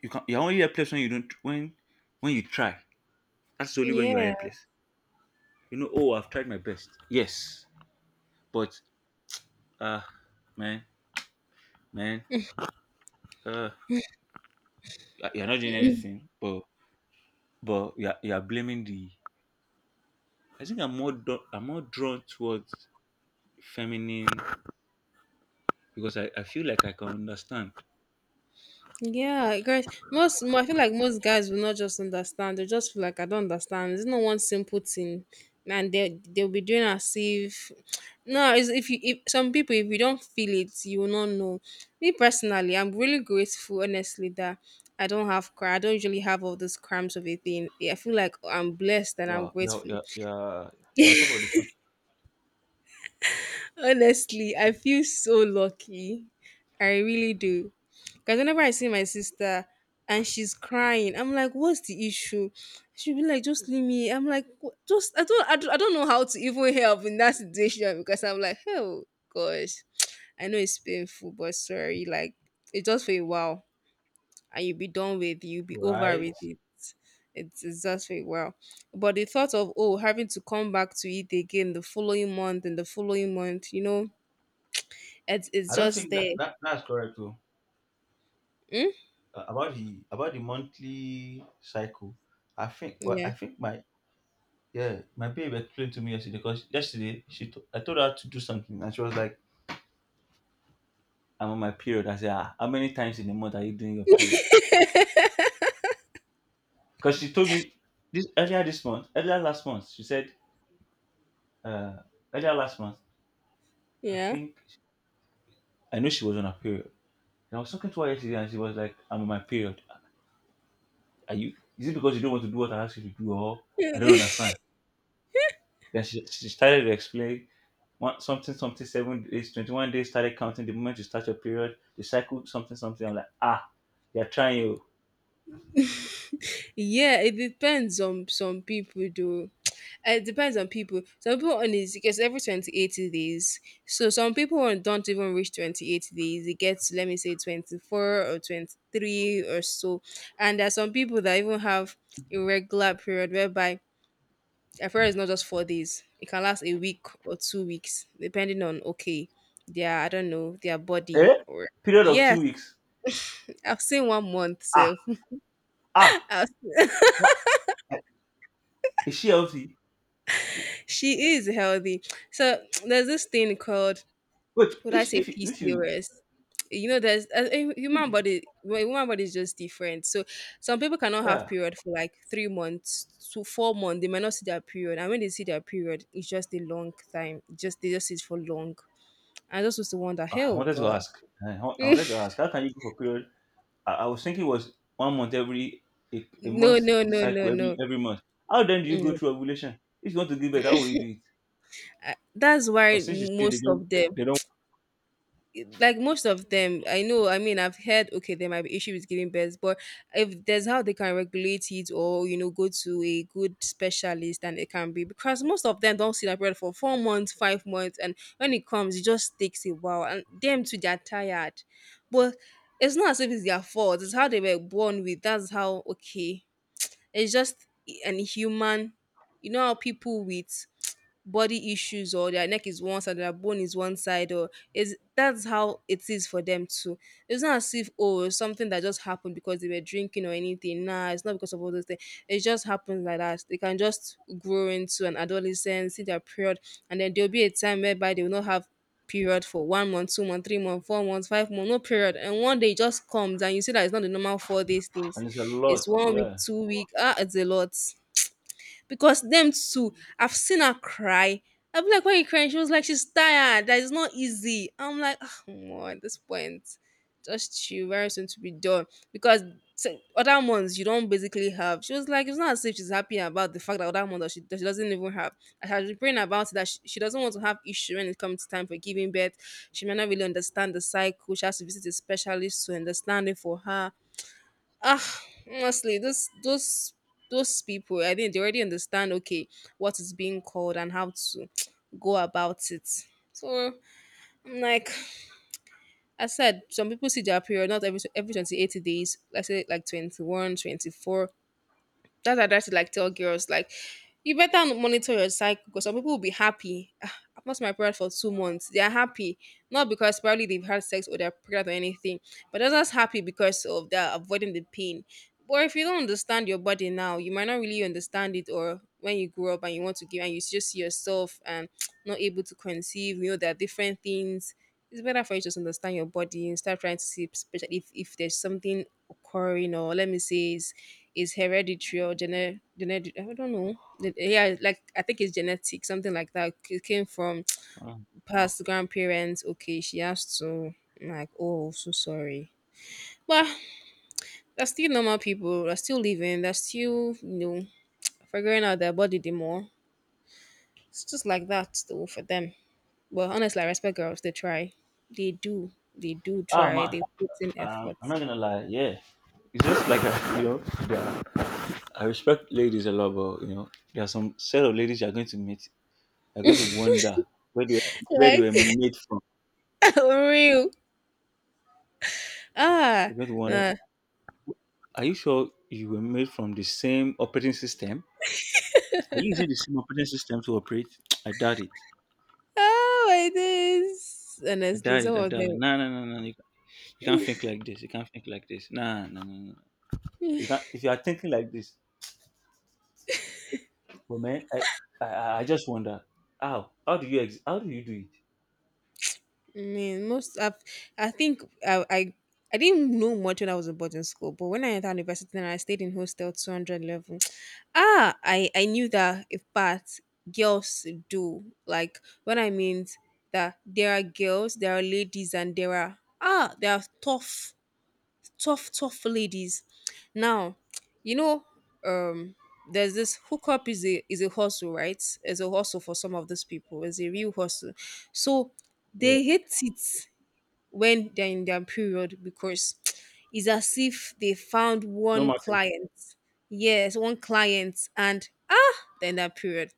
S2: you're only helpless when you don't when you try. That's only when you are
S1: Yeah. (clears throat)
S2: helpless. You know, oh, I've tried my best, yes, but Ah, man, man. Uh, you're not doing
S1: Mm.
S2: anything, but you're blaming the. I think I'm more drawn towards feminine because I feel like I can understand.
S1: Yeah. Guys, I feel like most guys will not just understand. They just feel like I don't understand. There's no one simple thing. And they'll be doing as if no, it's, if you if some people if you don't feel it, you will not know. Me personally, I'm really grateful, honestly, that I don't have cry. I don't usually have all those cramps of a thing. I feel like I'm blessed and I'm
S2: Wow, you're,
S1: grateful.
S2: you're, you're, you're on top of the food.
S1: Honestly, I feel so lucky. I really do. Because whenever I see my sister and she's crying, I'm like, what's the issue? She'll be like, just leave me. I'm like, just, I don't know how to even help in that situation because I'm like, oh gosh, I know it's painful, but sorry, like, it's just for a while and you'll be done with it, you'll be over with
S2: Right.
S1: it. It's just for a while. But the thought of, oh, having to come back to it again the following month and the following month, it's
S2: I don't
S1: just
S2: think
S1: there.
S2: that's correct though.
S1: Mm?
S2: About the monthly cycle, I think, well,
S1: Yeah.
S2: I think my yeah, my babe explained to me yesterday because yesterday I told her to do something, and she was like. I'm on my period. I said, ah, how many times in a month are you doing your period? Because she told me this earlier this month, earlier last month, she said, uh, earlier last month, I
S1: Yeah.
S2: think I know she was on her period. And I was talking to her yesterday and she was like, I'm on my period. Are you, is it because you don't want to do what I asked you to do or I don't
S1: (laughs)
S2: understand? Then she started to explain one, something, something, 7 days, 21 days, started counting the moment you start your period, the cycle, something, something. I'm like, ah, they're trying you.
S1: Yeah, it depends on some people though. It depends on people. Some people on is it gets every 28 days. So some people don't even reach 28 days. It gets let me say 24 or 23 or so. And there are some people that even have irregular period whereby a period is not just 4 days. It can last a week or 2 weeks, depending on okay, their I don't know, their body
S2: Eh?
S1: or
S2: Period of
S1: yeah,
S2: 2 weeks.
S1: I've seen 1 month,
S2: Ah,
S1: so
S2: ah,
S1: (laughs)
S2: what? Is she healthy?
S1: she is healthy. So there's this thing called,
S2: Wait,
S1: would I
S2: if
S1: say
S2: if you, if you
S1: PCOS? You know, there's a human body. Well, human body is just different. So some people cannot have
S2: yeah.
S1: period for like 3 months to 4 months. They might not see their period, and when they see their period, it's just a long time. Just they just see it for long. I just was to wonder,
S2: Ah, I
S1: hell,
S2: wanted to
S1: God,
S2: ask. I
S1: (laughs)
S2: wanted to ask. How can you go for period? I was thinking it was one month every a
S1: no,
S2: month
S1: no, no, no,
S2: cycle
S1: no.
S2: every month. How then do you go
S1: Mm.
S2: through ovulation? If you want to give birth, how will you do it?
S1: That's why
S2: Because since you say
S1: most of them
S2: they don't,
S1: like most of them I know, I mean, I've heard okay there might be issue with giving birth but if there's how they can regulate it or go to a good specialist and it can be because most of them don't see that period for 4 months 5 months and when it comes it just takes a while and them too they're tired but it's not as if it's their fault it's how they were born with that's how okay it's just an human. You know how people with (tsk) body issues or their neck is one side, their bone is one side, or is that's how it is for them too. It's not as if oh it's something that just happened because they were drinking or anything. Nah, it's not because of all those things. It just happens like that. They can just grow into an adolescence, see their period, and then there'll be a time whereby they will not have period for 1 month, 2 month, 3 month, 4 months, 5 month, no period. And one day it just comes and you see that it's not the normal for these things.
S2: and it's a
S1: It's
S2: lot.
S1: 1 week,
S2: Yeah.
S1: 2 week. Ah, it's a lot. Because them too, I've seen her cry. I'll be like, why are you crying? She was like, she's tired. That is not easy. I'm like, oh, more at this point, just chill. Very soon to be done. Because other months you don't basically have. She was like, it's not as if she's happy about the fact that other months that she doesn't even have. I had been praying about it that she doesn't want to have issue when it comes time for giving birth. She might not really understand the cycle. She has to visit a specialist to understand it for her ah honestly those people I think they already understand okay what is being called and how to (tsk) go about it so I'm like I said some people see their period not every 28 days let's say like 21, 24. That's what I try to like tell girls like you better monitor your cycle because some people will be happy. "Ah, I've lost my period for 2 months. They are happy. Not because probably they've had sex or they're pregnant or anything, but they're just happy because of they're avoiding the pain. But if you don't understand your body now, you might not really understand it or when you grow up and you want to give and you just see yourself and (tsk) not able to conceive, there are different things it's better for you to just understand your body and start trying to see especially if there's something occurring or let me say is hereditary or genetic I don't know. Yeah like I think it's genetic something like that it came from
S2: Mm.
S1: (tsk) past grandparents okay she has to like oh so sorry but they're still normal people they're still living they're still figuring out their body the more it's just like that though for them. Well, honestly, I respect girls. They try. They do. They do
S2: Ah
S1: try. They
S2: man,
S1: put in effort.
S2: I'm not gonna lie. Yeah, it's just like a, you know, yeah. I respect ladies a lot, but you know, there are some set of ladies you're going to meet. You're going to wonder where they
S1: Like
S2: were made from.
S1: (laughs) for real. Ah,
S2: You're going to wonder.
S1: nah.
S2: Are you sure you were made from the same operating system? Are you using the same operating system to operate? (tsk) I doubt it.
S1: Oh my days.
S2: I
S1: Honestly,
S2: doubt
S1: some
S2: it. I
S1: of
S2: doubt it.
S1: them.
S2: No, no, no, no. You can't think like this. You can't think like this. No, no, no, no. You can't. If you are thinking like this, but man, I just wonder how. How do you do it?
S1: I mean, most. I think. I didn't know much when I was in boarding school, but when I entered university and I stayed in hostel 200 level, (sniffs) I knew that if part girls do. Like, when I mean that there are girls, there are ladies, and there are tough tough, tough ladies. Now, you know, um, there's this hookup is a hustle, right? It's a hustle for some of these people. It's a real hustle. So
S2: Yeah.
S1: they hate it when they're in their period because (tsk) it's as if they found
S2: No
S1: one
S2: matter.
S1: client. Yes, one client, and they're in their period.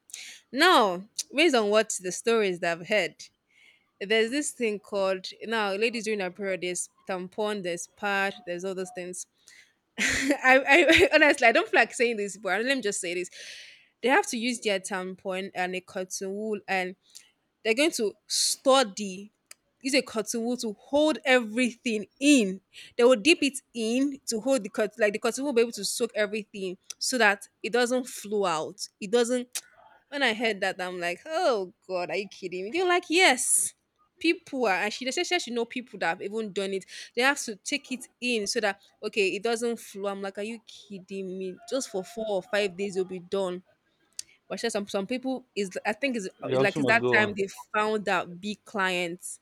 S1: Now, (tsk) based on what the stories that I've heard, there's this thing called now ladies during their period. There's tampon, there's pad, there's all those things. (laughs) I (laughs) honestly I don't feel like saying this, but let me just say this. They have to use their tampon and a cotton wool, and they're going to study. Use a cotton wool to hold everything in. They will dip it in to hold the cotton, like the cotton wool will be able to soak everything so that it doesn't flow out. It doesn't. When I heard that, I'm like, oh God, are you kidding me? They're like, yes, people are. And she they said she should know people that have even done it. They have to take it in so that, okay, it doesn't flow. I'm like, are you kidding me? Just for 4 or 5 days, you will be done. But she said some people, is I think is
S2: The
S1: it's like
S2: option
S1: it's
S2: must
S1: that
S2: go
S1: time
S2: on.
S1: they found out big clients.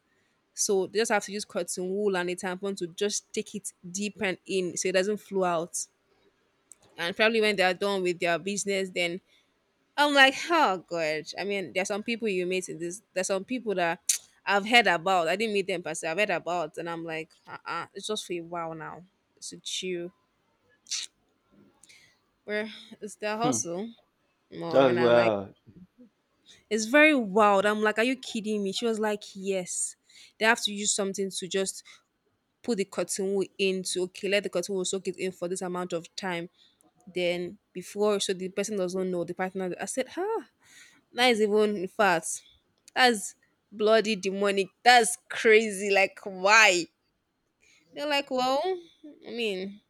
S1: So they just have to use cotton wool and a tampon to just take it deep and in so it doesn't flow out. And probably when they are done with their business, then I'm like, oh god. I mean, there's some people you meet in this. There's some people that (tsk) I've heard about. I didn't meet them, but I've heard about, and I'm like, uh-uh, it's just for a while now. It's a chew. Where (sighs) it's their
S2: Hmm.
S1: hustle more,
S2: That's
S1: and I'm like,
S2: well.
S1: it's very wild. I'm like, are you kidding me? She was like, yes. They have to use something to just put the cotton wool into. Okay, let the cotton wool soak it in for this amount of time. Then before, so the person doesn't know the partner. I said, huh? That is even in fact, that's bloody demonic. That's crazy. Like, why? They're like, well, I mean,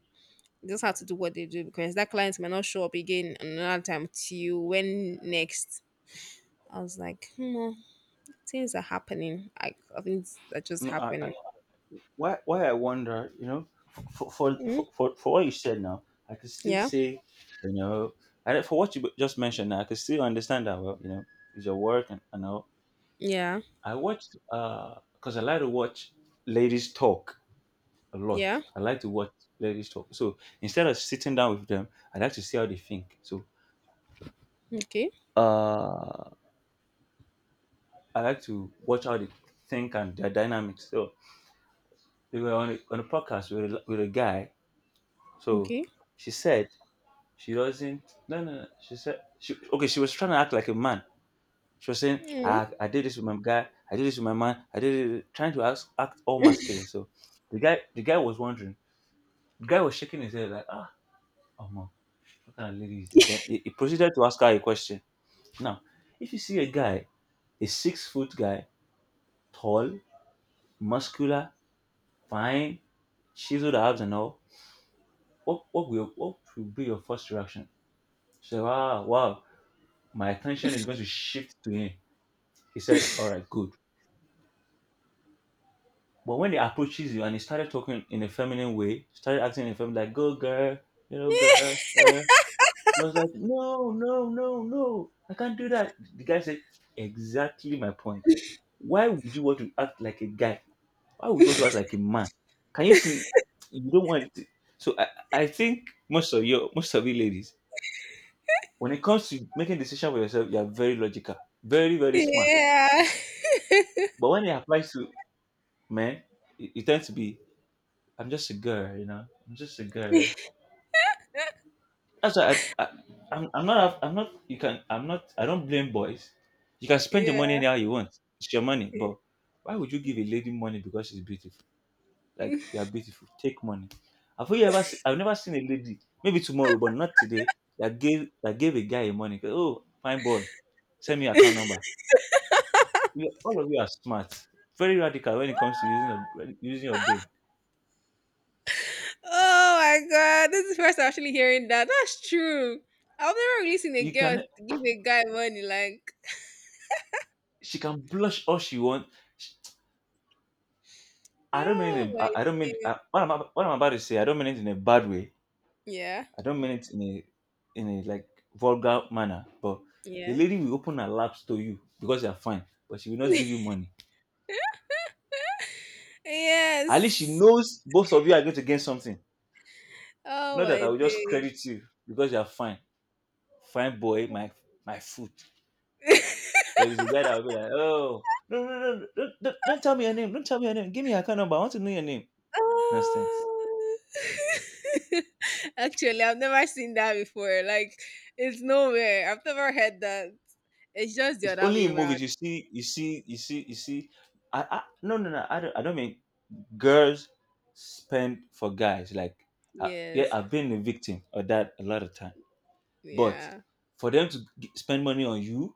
S1: they just have to do what they do because that client might not show up again another time till when next. I was like, hmm, well, things are happening. I think that just
S2: No, I,
S1: happening.
S2: why I wonder, you know, for for
S1: Mm,
S2: for, for, for what you said now, I could still
S1: yeah,
S2: say, you know, and for what you just mentioned, now, I could still understand that, well, you know, it's your work and all.
S1: yeah,
S2: I watched, uh, because I like to watch ladies talk a lot.
S1: yeah.
S2: I like to watch ladies talk. So instead of sitting down with them, I like to see how they think. So
S1: Okay,
S2: uh I like to watch how they think, and their dynamics. So we were on on a podcast with with a guy. So
S1: okay.
S2: she said, She doesn't. No, no, no. she said, okay, she was trying to act like a man. She was saying,
S1: Mm,
S2: I did this with my guy. I did this with my man. I did it, trying to act, act all masculine. So the guy was wondering. The guy was shaking his head like, ah, oh no, what kind of lady is this? Then he proceeded to ask her a question. Now, if you see a guy, a 6 foot guy, tall, muscular, fine, chiseled abs and all, what will be your first reaction? She said, wow, wow, my attention is going to shift to him. He said, all right, good. But when he approaches you and he started talking in a feminine way, started acting in a feminine, like, go girl, you know, girl, I was like, no, no, no, no, I can't do that. The guy said, exactly my point. Why would you want to act like a guy? Why would you want to act like a man? Can you see? You don't want it. So I think most of you ladies, when it comes to making decision for yourself, you are very logical, very, very smart.
S1: yeah,
S2: But when it applies to men, it tends to be I'm just a girl, you know. I'm just a girl. That's why I I'm not you can I'm not I don't blame boys. You can spend your money
S1: (laughs)
S2: anyhow you want. It's your money,
S1: yeah.
S2: but why would you give a lady money because she's beautiful? Like
S1: (laughs)
S2: you're beautiful, take money. Have you ever seen, I've never seen a lady, maybe tomorrow, but not today, that gave a guy money. Oh, fine boy, send me your account number. You, all of you are smart, very radical when it comes to using your brain.
S1: Oh my god, this is first I'm actually hearing that. That's true. I've never really seen a
S2: You
S1: girl
S2: can
S1: give a guy money like,
S2: She can blush all she wants. I don't mean
S1: oh
S2: it.
S1: my
S2: I don't mean,
S1: days.
S2: what I'm about to say. I don't mean it in a bad way.
S1: Yeah,
S2: I don't mean it in a in a, like, vulgar manner. But a
S1: yeah.
S2: lady will open her laps to you because you're fine, but she will not give you
S1: (laughs)
S2: money. At least she
S1: yes.
S2: knows both of you are going to gain something.
S1: Oh
S2: Not that
S1: my
S2: I will just
S1: days.
S2: credit you because you're fine, fine boy, my foot.
S1: (laughs)
S2: But it's a guy that will be like, oh, no, no, no, no, don't tell me your name. Don't tell me your name. Give me your account number. I want to know your name. Nonsense.
S1: Oh. (laughs) Actually, I've never seen that before. Like, it's nowhere. I've never heard that. It's just the
S2: It's
S1: other
S2: only
S1: way
S2: in
S1: around.
S2: movies you see, you see, you see, you see. I no no no. I don't. I don't mean girls spend for guys. Like I, yeah,
S1: Yes.
S2: I've been a victim of that a lot of time. But
S1: Yeah.
S2: for them to spend money on you,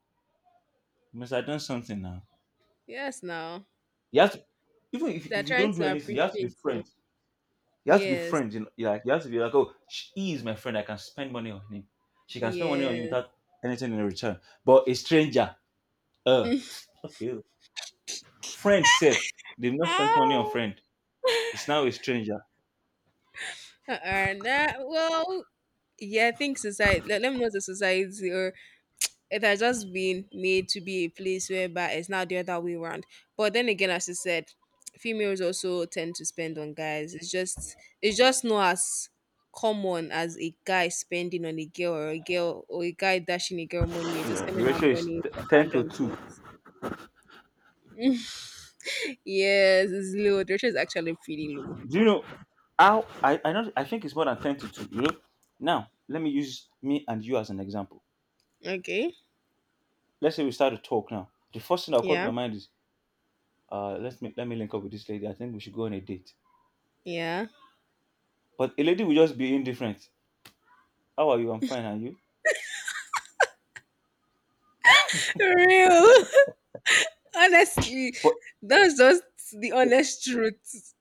S2: you must have done something now.
S1: Yes, now.
S2: You have to, even if
S1: They're
S2: you
S1: trying
S2: don't do
S1: to
S2: anything, you have to be
S1: appreciate you.
S2: friends. You have to be
S1: Yes.
S2: friends. You know, you, like, you have to be like, oh, he is my friend. I can spend money on him. She can spend money on you
S1: Yes.
S2: without anything in return. But a stranger, uh,
S1: (laughs)
S2: (laughs) okay, oh. Friend safe. They've not spent money on
S1: Ow.
S2: friend. It's now a stranger.
S1: Uh-uh, nah, well, yeah, I think society, let me know the society, or it has just been made to be a place whereby it's not the other way around. But then again, as you said, females also tend to spend on guys. It's just not as common as a guy spending on a girl or a girl or a guy dashing a girl money, or just
S2: The
S1: spending her
S2: ratio is
S1: money for
S2: ten to
S1: random
S2: two.
S1: things. (laughs) yes, it's low. The ratio is actually pretty low.
S2: Do you know how I not I think it's more than ten to two, you know. Now let me use me and you as an example.
S1: Okay.
S2: Let's say we start to talk now. The first thing that caught
S1: Yeah.
S2: my mind is, uh, let me link up with this lady. I think we should go on a date.
S1: Yeah.
S2: But a lady will just be indifferent. How are you? I'm fine. Are you?
S1: For real. (laughs) Honestly,
S2: But
S1: that's just the honest truth.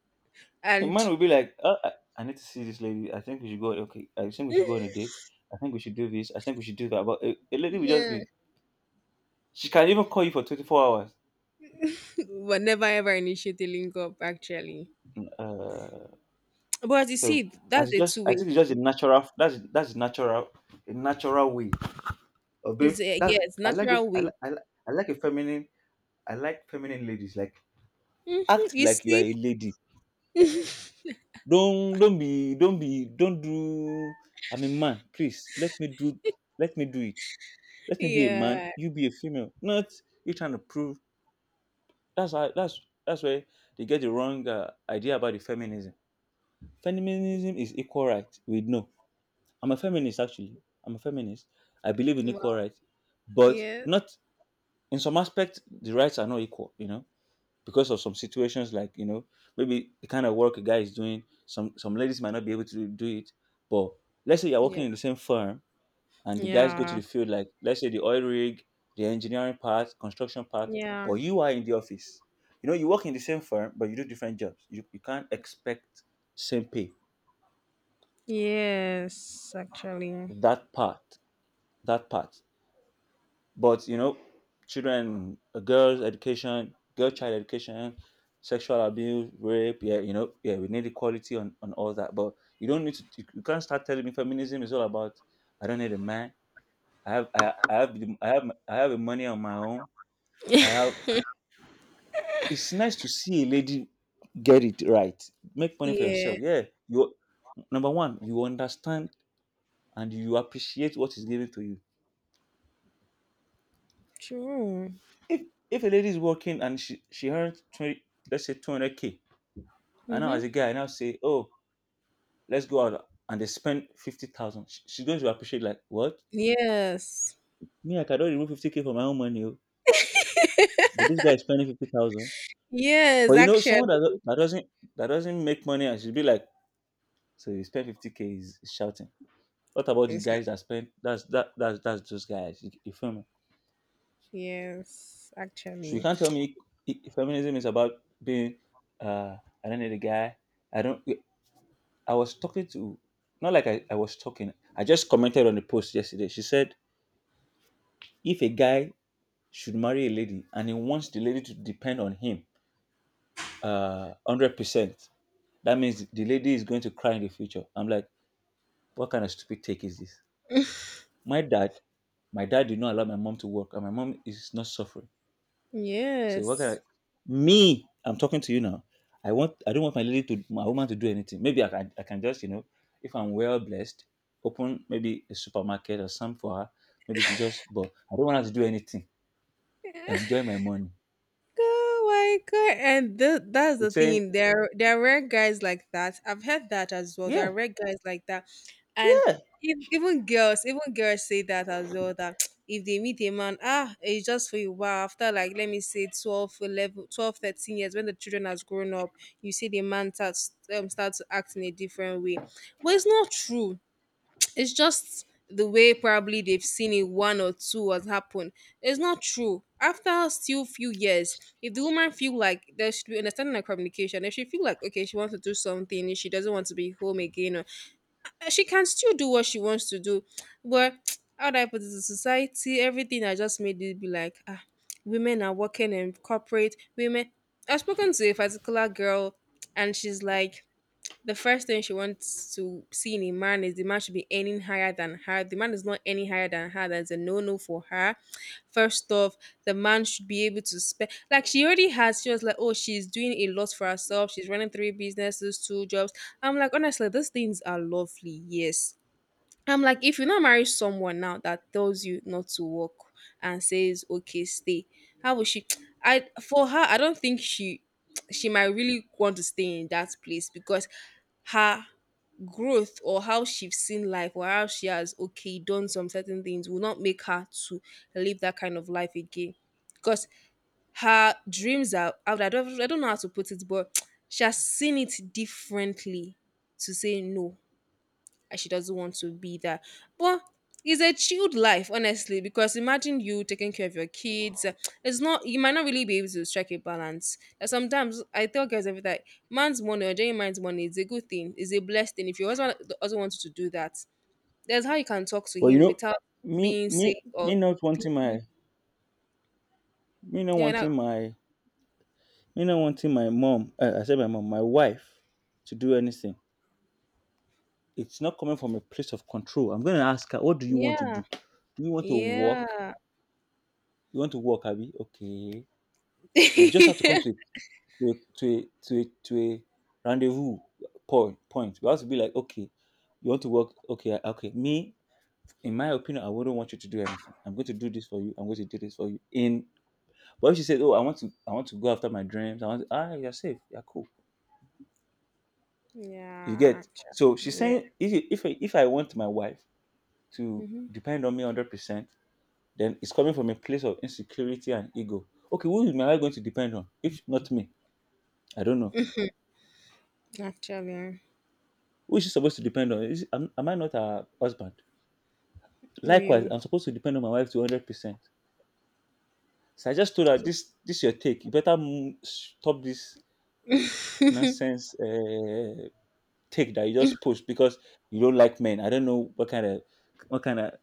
S2: a
S1: And
S2: man will be like, uh, I need to see this lady. I think we should go. Okay, I think we should go on a date. I think we should do this. I think we should do that. But a lady will just
S1: yeah.
S2: be. She can even call you for 24 hours.
S1: (laughs) we never ever initiate a link up actually.
S2: Uh,
S1: But as you
S2: so
S1: see, that's
S2: that's
S1: a
S2: just,
S1: two
S2: I
S1: way
S2: think it's just a
S1: thing.
S2: natural, that's a natural, a natural way of being.
S1: It's a Yeah,
S2: That
S1: it's
S2: I like those
S1: natural
S2: I
S1: way.
S2: like I like, I like a feminine, I like feminine ladies, like
S1: Hmm.
S2: act
S1: You
S2: like you are
S1: see,
S2: a lady. Don't be don't be don't do I'm a man. Please let me do, let me do it. Let me be a man.
S1: yeah,
S2: You be a female. Not you trying to prove. That's how, that's where they get the wrong, idea about the feminism. Feminism is equal right. We know, I'm a feminist actually. I'm a feminist. I believe in equal
S1: wow,
S2: rights, but
S1: yeah,
S2: not in some aspect the rights are not equal. You know, because of some situations, like, you know, maybe the kind of work a guy is doing, some ladies might not be able to do it. But let's say you're
S1: yeah,
S2: working in the same firm and the guys go to
S1: yeah,
S2: the field, like let's say the oil rig, the engineering part, construction part,
S1: yeah.
S2: but you are in the office. You know, you work in the same firm, but you do different jobs. You can't expect same pay.
S1: Yes, actually,
S2: That part, that part. But you know, children, girls' education, girl child education, sexual abuse, rape. Yeah, you know, yeah, we need equality on all that. But you don't need to. You can't start telling me feminism is all about I don't need a man. I have the money on my own. I have.
S1: (laughs)
S2: It's nice to see a lady get it right. Make money for
S1: yeah,
S2: yourself. Yeah, you, number one, you understand and you appreciate what is given to you.
S1: true.
S2: If if a lady is working and she earns 20, let's say 200 k. And now,
S1: Mm-hmm.
S2: as a guy, I now say, oh, let's go out and they spend 50,000. She's going to appreciate, like, what?
S1: Yes,
S2: Me, I cannot remove 50K from my own money, oh, but this guy is spending 50,000.
S1: yes,
S2: But you know,
S1: actually,
S2: someone that, that doesn't, that doesn't make money, and she'll be like, so you spend 50K is shouting. What about the guys that spend? That's that that's those guys. You feel me?
S1: yes,
S2: So you
S1: actually.
S2: can't tell me feminism is about being, uh I don't need a guy. I don't. I was talking to, not like I was talking. I just commented on the post yesterday. She said if a guy should marry a lady and he wants the lady to depend on him 100%, that means the lady is going to cry in the future. I'm like, what kind of stupid take is this? My dad my dad did not allow my mom to work, and my mom is not suffering. So what kind
S1: Yes.
S2: of. Me, I'm talking to you now. I don't want my lady to, my woman to, do anything. Maybe I can just, if I'm well blessed, open maybe a supermarket or something for her. Maybe she just, but I don't want her to do anything.
S1: (laughs)
S2: Enjoy my money.
S1: Oh my god! And that's the
S2: She's saying,
S1: thing. There are rare guys like that. I've heard that as well. There
S2: yeah.
S1: are rare guys like that, and
S2: Yeah.
S1: even girls say that as well. That (tsk) if they meet a man, ah, it's just for a while. After like, let me say 12, 11, 12, 13 years, when the children has grown up, you see the man start to act in a different way. But it's not true. It's just the way probably they've seen it one or two has happened. It's not true. After still few years, if the woman feel like there should be understanding and communication, if she feel like okay, she wants to do something, if she doesn't want to be home again, or she can still do what she wants to do. But (tsk) how do I put it? The society, everything I just made it be like women are working in corporate. Women, I've spoken to a particular girl, and she's like the first thing she wants to see in a man is the man should be earning higher than her. The man is not earning higher than her. That's a no no for her. First off, the man should be able to spend. Like she already has. She was like, oh, she's doing a lot for herself. She's running three businesses, two jobs. I'm like, honestly, these things are lovely. Yes, I'm like, if you not marry someone now that tells you not to work and says, okay, stay, how will she? (tsk) I for her, I don't think she. (tsk) She might really want to stay in that place because her growth or how she's seen life or how she has okay done some certain things will not make her to live that kind of life again because her dreams are out. I don't know how to put it but (tsk) she has seen it differently to say no and she doesn't want to be there. But it's a chilled life, honestly, because imagine you taking care of your kids. It's not you might not really be able to strike a balance. And sometimes I tell guys every time, man's money or genuine man's money is a good thing, is a blessed thing. If your husband also wants to do that, there's how you can talk to
S2: But you
S1: him
S2: know,
S1: without
S2: me
S1: being
S2: me
S1: sick or
S2: me not wanting my me not
S1: yeah, now
S2: wanting my me not wanting my mom. I said my mom, my wife, to do anything. It's not coming from a place of control. I'm gonna ask her, what do you want to
S1: yeah,
S2: do? Do you want to walk?
S1: yeah,
S2: You want to walk, Abby? Okay.
S1: (laughs)
S2: You just have to
S1: yeah,
S2: come to to a rendezvous point. Point. You have to be like, okay, you want to work? Okay, okay. Me, in my opinion, I wouldn't want you to do anything. I'm going to do this for you. I'm going to do this for you. In. But if she said, "Oh, I want to go after my dreams," I want, to, ah, you're safe, you're cool. You get. So she's
S1: actually, yeah,
S2: saying, if I, want my wife to
S1: mm-hmm.
S2: depend on me 100%, then it's coming from a place of insecurity and ego. Okay, who is my wife going to depend on? If not me, I don't know.
S1: Actually,
S2: Who is she supposed to depend on? Am I not her husband? Likewise,
S1: real,
S2: I'm supposed to depend on my wife to 100%. So I just told her, "This is your take. You better stop this nonsense, take that you just push because you don't like men. I don't know what kind of.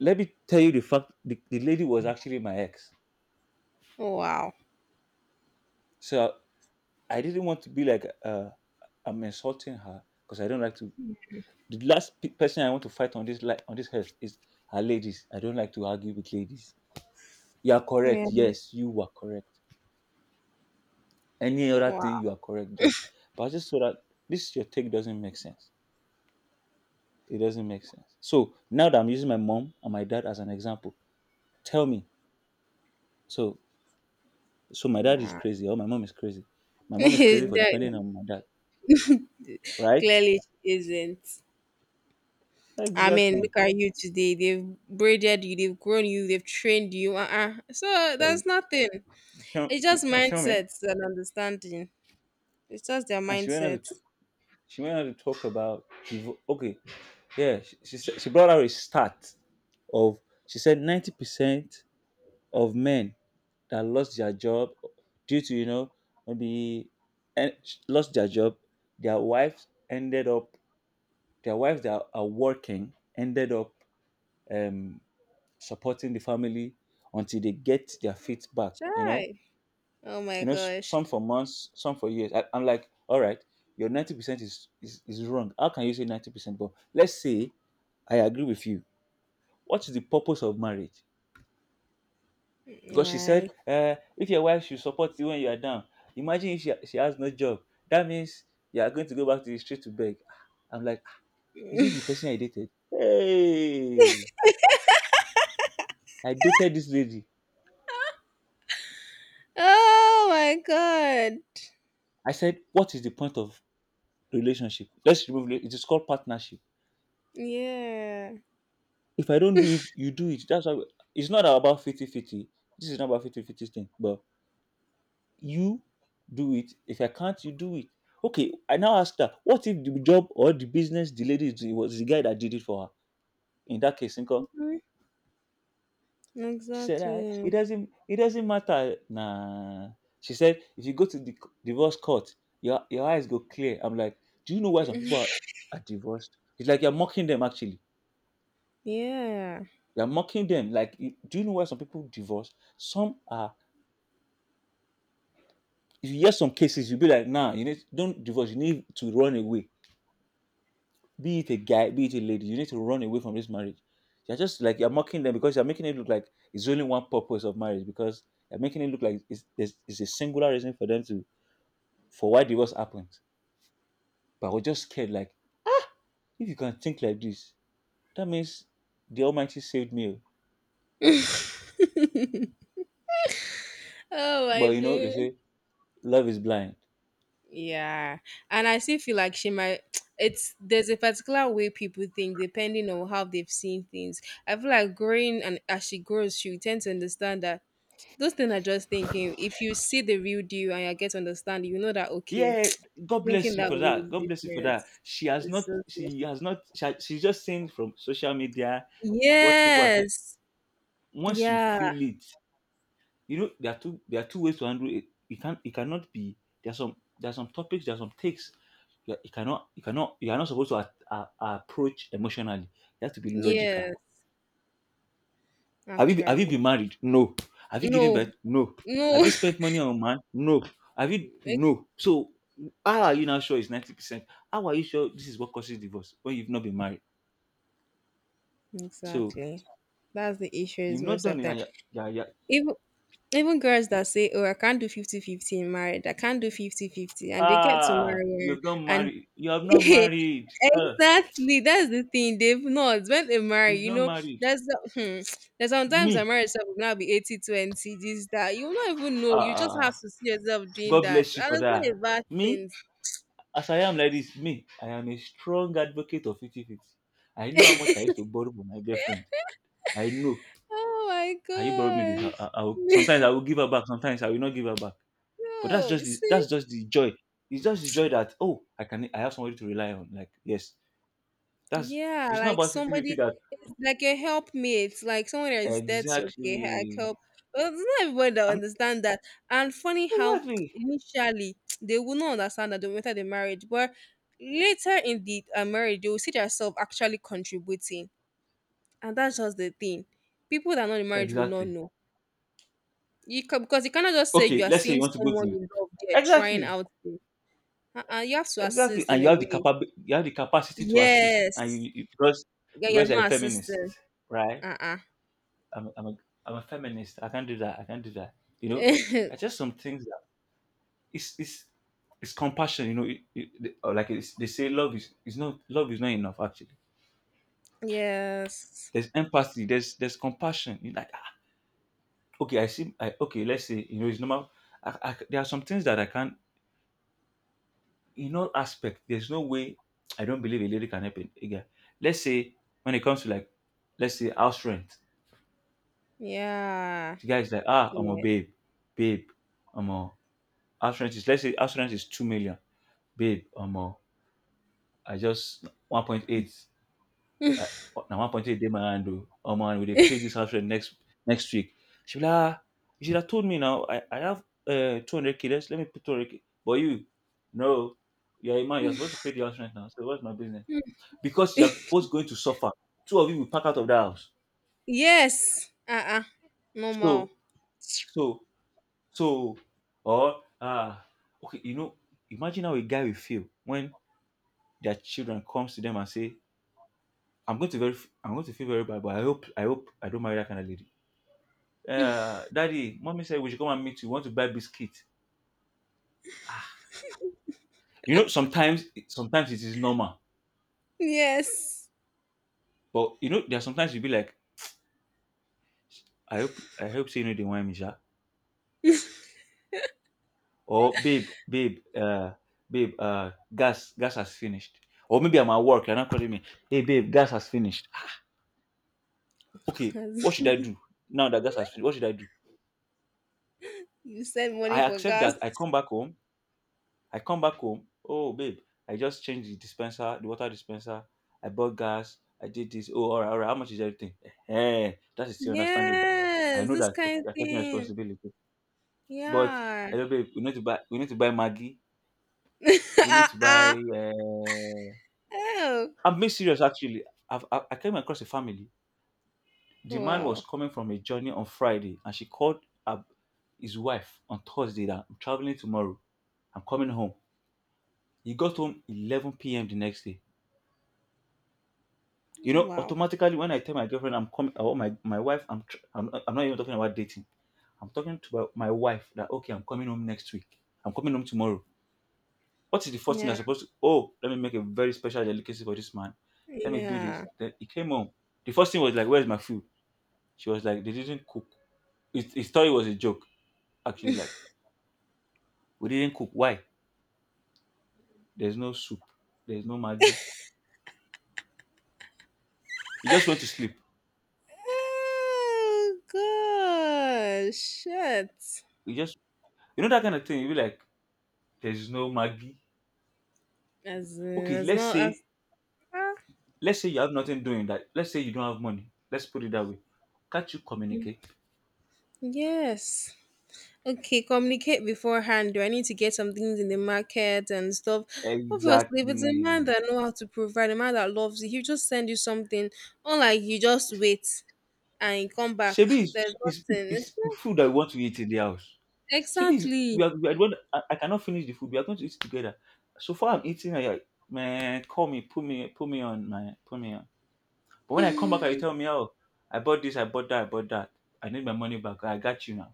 S2: Let me tell you the fact: the lady was actually my ex,
S1: wow,
S2: so I didn't want to be like, I'm insulting her because I don't like to. The last person I want to fight on on this earth is her ladies. I don't like to argue with ladies. You are correct.
S1: yeah,
S2: Yes, you were correct. Any other
S1: wow.
S2: thing, you are correct. Just, but just so that this your take doesn't make sense. It doesn't make sense. So now that I'm using my mom and my dad as an example, tell me. So, my dad is
S1: Yeah.
S2: crazy, or my mom is crazy. My mom is crazy
S1: (laughs)
S2: for depending
S1: That-
S2: on my dad, right?
S1: Clearly she isn't. I mean,
S2: Exactly.
S1: look at you today. They've braided you, they've grown you, they've trained you. Uh-uh. So
S2: Eh,
S1: that's nothing.
S2: you feel
S1: It's just
S2: you feel me?
S1: mindsets and understanding. It's just their
S2: And she went on
S1: mindsets.
S2: she went on to talk about okay, yeah. She brought out a stat of, she said 90% of men that lost their job due to, maybe, and lost their job, their wives ended up their wives that are working ended up, um supporting the family until they get their feet back.
S1: Try. Oh my gosh.
S2: Some for months, some for years. I'm like, all right, your 90% is wrong. How can you say 90%? But let's say I agree with you. What is the purpose of marriage? Because she said,
S1: Right.
S2: if your wife should support you when you are down, imagine if she has no job. That means you are going to go back to the street to beg. Ah, I'm like, "Ah, is it the person I dated? Hey, I dated this lady.
S1: Oh my god.
S2: I said, what is the point of relationship. Let's remove it is called partnership.
S1: Yeah.
S2: If I don't do it, you do it. That's how it's not about 50-50. This is not about 50-50 thing, but you do it. If I can't, you do it. Okay, I now ask that what if the job or the business the lady is doing was the guy that did it for her? In that case, Inko,
S1: Mhm.
S2: she said, "Ah, it
S1: Exactly.
S2: doesn't it doesn't matter. Nah. She said, if you go to the divorce court, your eyes go clear. I'm like, do you know why some people are divorced? It's like you're mocking them actually.
S1: Yeah.
S2: We are mocking them. Like, do you know why some people divorce? Some are. If you hear some cases, you'll be like, nah, you need don't divorce. You need to run away. Be it a guy, be it a lady, you need to run away from this marriage. You're just like you're mocking them because you're making it look like it's only one purpose of marriage. Because you're making it look like it's, there's it's a singular reason for them to, for why divorce happens. But we're just scared. Like, if you can think like this, that means the Almighty saved me. Oh.
S1: (laughs) oh my
S2: But you know they
S1: dear.
S2: say love is blind.
S1: Yeah, and I still feel like she might. (tsk) It's There's a particular way people think depending on how they've seen things. I feel like growing and as she grows, she will tend to understand that those things are just thinking. If you see the real deal and you get to understand, you know that okay,
S2: Yeah, God
S1: (tsk) thinking
S2: bless you
S1: that
S2: for
S1: way
S2: that.
S1: is
S2: God bless you for
S1: different.
S2: that. She has
S1: It's
S2: not.
S1: so different.
S2: She has not. She's just saying from social media what people are.
S1: Yes.
S2: Once you
S1: Yeah.
S2: feel it, you know there are two. There are two ways to handle it. It can. It cannot be. There are some. There are some topics. There are some takes. You cannot. You cannot. You are not supposed to approach emotionally. You have to be logical.
S1: Yes.
S2: Have you
S1: Actually,
S2: been married? No. Have you given
S1: no,
S2: birth? No. Have
S1: no.
S2: you spent money on a man? No. Have you?
S1: (laughs) Ex-
S2: No. So, how are you now sure it's 90%? How are you sure this is what causes divorce when you've not been married? So,
S1: exactly. That's the issue is
S2: you've not
S1: most of
S2: done it.
S1: them.
S2: Yeah, yeah.
S1: Even Even girls that say, "Oh, I can't do 50-50 in marriage. I can't do 50 fifty and they get to
S2: Ah,
S1: marry
S2: you've not
S1: and
S2: married. You have
S1: (laughs)
S2: not married.
S1: exactly that's the thing. They've not when they marry,
S2: You've
S1: you
S2: not
S1: know,
S2: married.
S1: that's the there's sometimes a
S2: Me.
S1: marriage stuff will now be 80-20. 20 this that you will not even
S2: Ah,
S1: know. You
S2: ah,
S1: just
S2: ah.
S1: have to see yourself doing
S2: God
S1: that.
S2: bless you
S1: And
S2: for
S1: it's not a
S2: that.
S1: bad
S2: Me,
S1: thing.
S2: as I am like this, me, I am a strong advocate of 50-50. I know how much I used to borrow from my girlfriend. I know,
S1: Oh my
S2: can you borrow me this? I will,
S1: gosh.
S2: sometimes I
S1: (laughs)
S2: will give her back. Sometimes I will not give her back. But that's
S1: no, you
S2: just the,
S1: see
S2: that's just the joy. It's just the joy that, oh, I have somebody to rely on. Like yes, that's
S1: yeah,
S2: it's not
S1: like
S2: about 50 50.
S1: somebody,
S2: That,
S1: it's like a helpmate, like someone that is there to okay, I
S2: exactly.
S1: help. But it's not everybody that
S2: I'm
S1: understand that. And funny how
S2: exactly,
S1: initially (tsk) they will not understand that the matter the marriage, but later in the marriage they will see themselves actually contributing, and that's just the thing. People that are not in marriage will not
S2: exactly.
S1: know. You can, because you cannot just say you
S2: Okay,
S1: are
S2: let's say you
S1: seeing
S2: want to go
S1: someone you
S2: to,
S1: love there trying
S2: exactly,
S1: out. There. Uh-uh, you have to
S2: exactly,
S1: assist
S2: and
S1: in
S2: you
S1: a
S2: have the
S1: way.
S2: capa you have the capacity to assist, and
S1: Yes.
S2: you because,
S1: Yeah, you're
S2: you're a
S1: not
S2: feminist,
S1: assisting.
S2: right?
S1: Uh-uh.
S2: I'm I'm a, I'm a feminist. I can't do that. I can't do that. You know, there's
S1: (laughs)
S2: just some things, it's it's compassion, or like it's, they say love is not love is not enough actually.
S1: Yes.
S2: There's empathy, there's compassion, you like, ah, okay I see, okay let's say, you know, it's normal. There are some things that I can't. In all aspect, there's no way I don't believe a lady can help a guy. Let's say when it comes to like, let's say house rent,
S1: Yeah.
S2: the guy is like, ah, I'm a
S1: Yeah.
S2: babe, babe I'm a, house rent is 2 million. Babe, I just 1.8. uh, na 1.8 dey my hand o omo and we dey pay this house rent next week. She be like, ah, you should have told me now, I have, 200K, let me put 200K, but you, no, you're a man, you're supposed to pay the house rent now, so what's my business? Because you're both going to suffer. Two of you will pack out of that house.
S1: Yes. Uh-uh. Normal.
S2: so so so, or ah, okay, you know, imagine how a guy will feel when their children comes to them and say, i'm going to very I'm going to feel very bad, but I hope I don't marry that kind of lady. Daddy, mommy said we should come and meet you. We want to buy biscuit? Ah, you know, sometimes it is normal,
S1: Yes.
S2: but you know, there are sometimes you be like, I hope say you know the wine, Misha. Or babe, gas has finished. Or maybe I'm at work, you're not calling me. Hey, babe, gas has finished. Ah, okay,
S1: (laughs)
S2: what should I do now that gas has finished? What should I do?
S1: you send money
S2: I
S1: for
S2: accept
S1: gas.
S2: that I come back home. Oh, babe, I just changed the dispenser, the water dispenser. I bought gas. I did this. Oh, all right, all right. How much is everything? Hey, that is still understandable. I
S1: Yes.
S2: know
S1: This
S2: that okay,
S1: kind of
S2: you're taking
S1: thing.
S2: responsibility. But
S1: Yeah.
S2: hello, babe, we need to buy Maggie.
S1: (laughs)
S2: We need to
S1: uh-uh.
S2: buy.
S1: Oh.
S2: I'm being serious, actually. I came across a family. The man was
S1: Wow.
S2: coming from a journey on Friday, and she called up his wife on Thursday that I'm traveling tomorrow. I'm coming home. He got home 11 p.m. the next day. You know,
S1: Wow.
S2: automatically when I tell my girlfriend I'm coming, or my wife, I'm, tr- I'm not even talking about dating. I'm talking to my wife that okay, I'm coming home next week. I'm coming home tomorrow. What is the first thing
S1: Yeah.
S2: I'm supposed to? Oh, let me make a very special delicacy for this man. Let me do this.
S1: Yeah.
S2: Then he came home. The first thing was like, "Where's my food?" She was like, "They didn't cook." His story was a joke, actually. Like, we didn't cook. Why? There's no soup. There's no Maggi. He just went to sleep.
S1: Oh gosh. Shit.
S2: He just that kind of thing. You be like, "There's no Maggi."
S1: As in,
S2: Okay,
S1: as
S2: let's
S1: not as
S2: say
S1: ah,
S2: Let's say you have nothing doing that. Let's say you don't have money. Let's put it that way. Can't you communicate?
S1: yes. Okay, communicate beforehand. Do I need to get some things in the market and stuff? Obviously, if it's a
S2: Exactly.
S1: man that know how to provide, a man that loves you, he'll just send you something. Unlike you just wait and you come back. "Ah,
S2: Shebi is
S1: there's nothing. (laughs) It's not-
S2: food that we want to eat in the house. Shebi is
S1: Exactly.
S2: we are the one. I cannot finish the food. We are going to eat together. So far I'm eating. Man call me put me put me on man put me on. But when I come back and you tell me, oh, I bought this, I bought that, I need my money back. I got you now.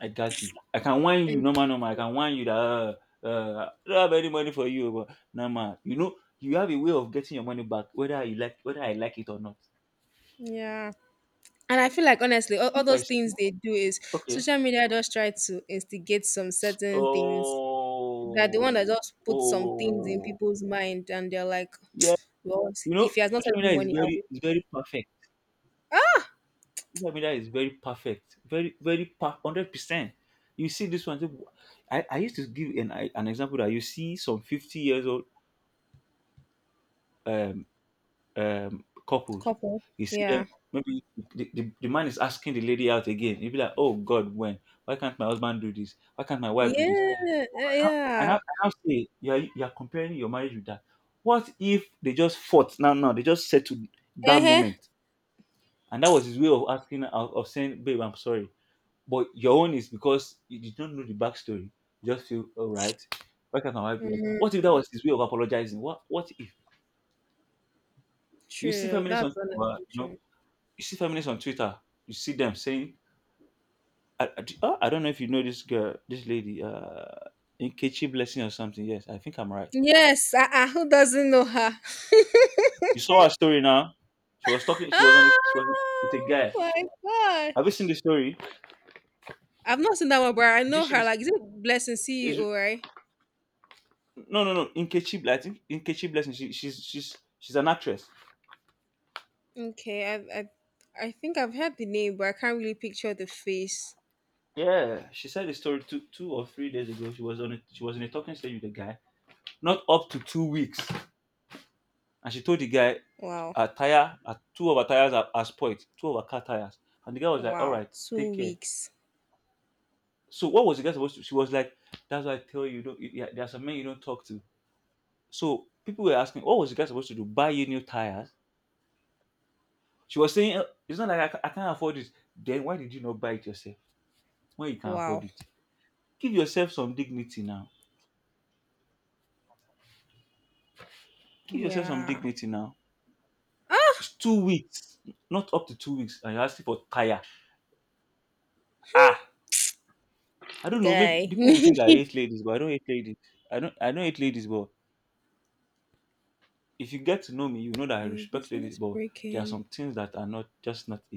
S2: I got you. I can whine you,
S1: And-
S2: no man, no man. I can whine you that I don't have any money for you, but no man. You know, you have a way of getting your money back, whether you like, whether I like it or not.
S1: Yeah. And I feel like honestly, all
S2: If I
S1: those things
S2: see-
S1: they do is
S2: Okay,
S1: social media just try to instigate some certain things. That the one that
S2: oh,
S1: just put some things in
S2: oh,
S1: people's mind and they're like,
S2: yeah.
S1: well,
S2: You
S1: if
S2: know,
S1: he has not
S2: social
S1: sent me
S2: media is
S1: money, I will
S2: very, is very perfect. Social media is very perfect, very, very 100%. You see this one. Say, I used to give an example that you see some 50 years old. Um, couples.
S1: couple.
S2: You see
S1: Yeah.
S2: them, maybe the man is asking the lady out again. You'll be like, oh God, when? Why can't my husband do this? Why can't my wife do this?
S1: Yeah, eh,
S2: And I,
S1: yeah.
S2: and I say, you're comparing your marriage with that. What if they just fought? No, no, they just settled that
S1: Uh-huh.
S2: moment. And that was his way of asking, of saying, babe, I'm sorry. But your own is because you did not know the backstory. You just feel, all right, why can't my wife do this? What if that was his way of apologizing? What if? You see
S1: True.
S2: feminists on,
S1: That's
S2: uh,
S1: honestly
S2: you know,
S1: true.
S2: you see feminists on Twitter, you see them saying, "I, I, oh, I don't know if you know this girl, this lady, Nkechi Blessing or something. Yes, I think I'm right.
S1: Yes, uh-uh, who doesn't know her? (laughs)
S2: You saw her story now. She was talking. She was on. A, she was with a
S1: oh
S2: guy.
S1: my
S2: Have you seen
S1: gosh.
S2: the story?
S1: I've not seen that one, but I know
S2: This
S1: her. Like, is it Blessing
S2: is
S1: CEO, right?
S2: no, no, no. I think Nkechi Blessing. She's an actress.
S1: Okay, I think I've heard the name, but I can't really picture the face.
S2: Yeah, she said the story 2 or 3 days ago. She was on. A, she was in a talking stage with a guy. Not up to 2 weeks. And she told the guy
S1: Wow.
S2: two of her tires are spoiled, two of her car tires. And the guy was like, "All
S1: Wow.
S2: right,
S1: Two
S2: take care."
S1: weeks.
S2: So what was the guy supposed to? She was like, "That's why I tell you, don't. Yeah, there are some men you don't talk to." So people were asking, "What was the guy supposed to do? Buy you new tires?" She was saying, "Eh, it's not like I can't afford it." Then why did you not buy it yourself? When you can afford
S1: Wow.
S2: it, give yourself some dignity now. Give yourself some
S1: Yeah.
S2: dignity now.
S1: Ah
S2: It's 2 weeks, not up to 2 weeks, and you're asking for tire. Ah, I don't know. Maybe
S1: guy.
S2: people will think that I
S1: (laughs)
S2: hate ladies, but I don't hate ladies. I don't. I don't hate ladies, but if you get to know me, you know that I
S1: Your
S2: respect ladies.
S1: business
S2: But there are
S1: breaking.
S2: some things that are not just not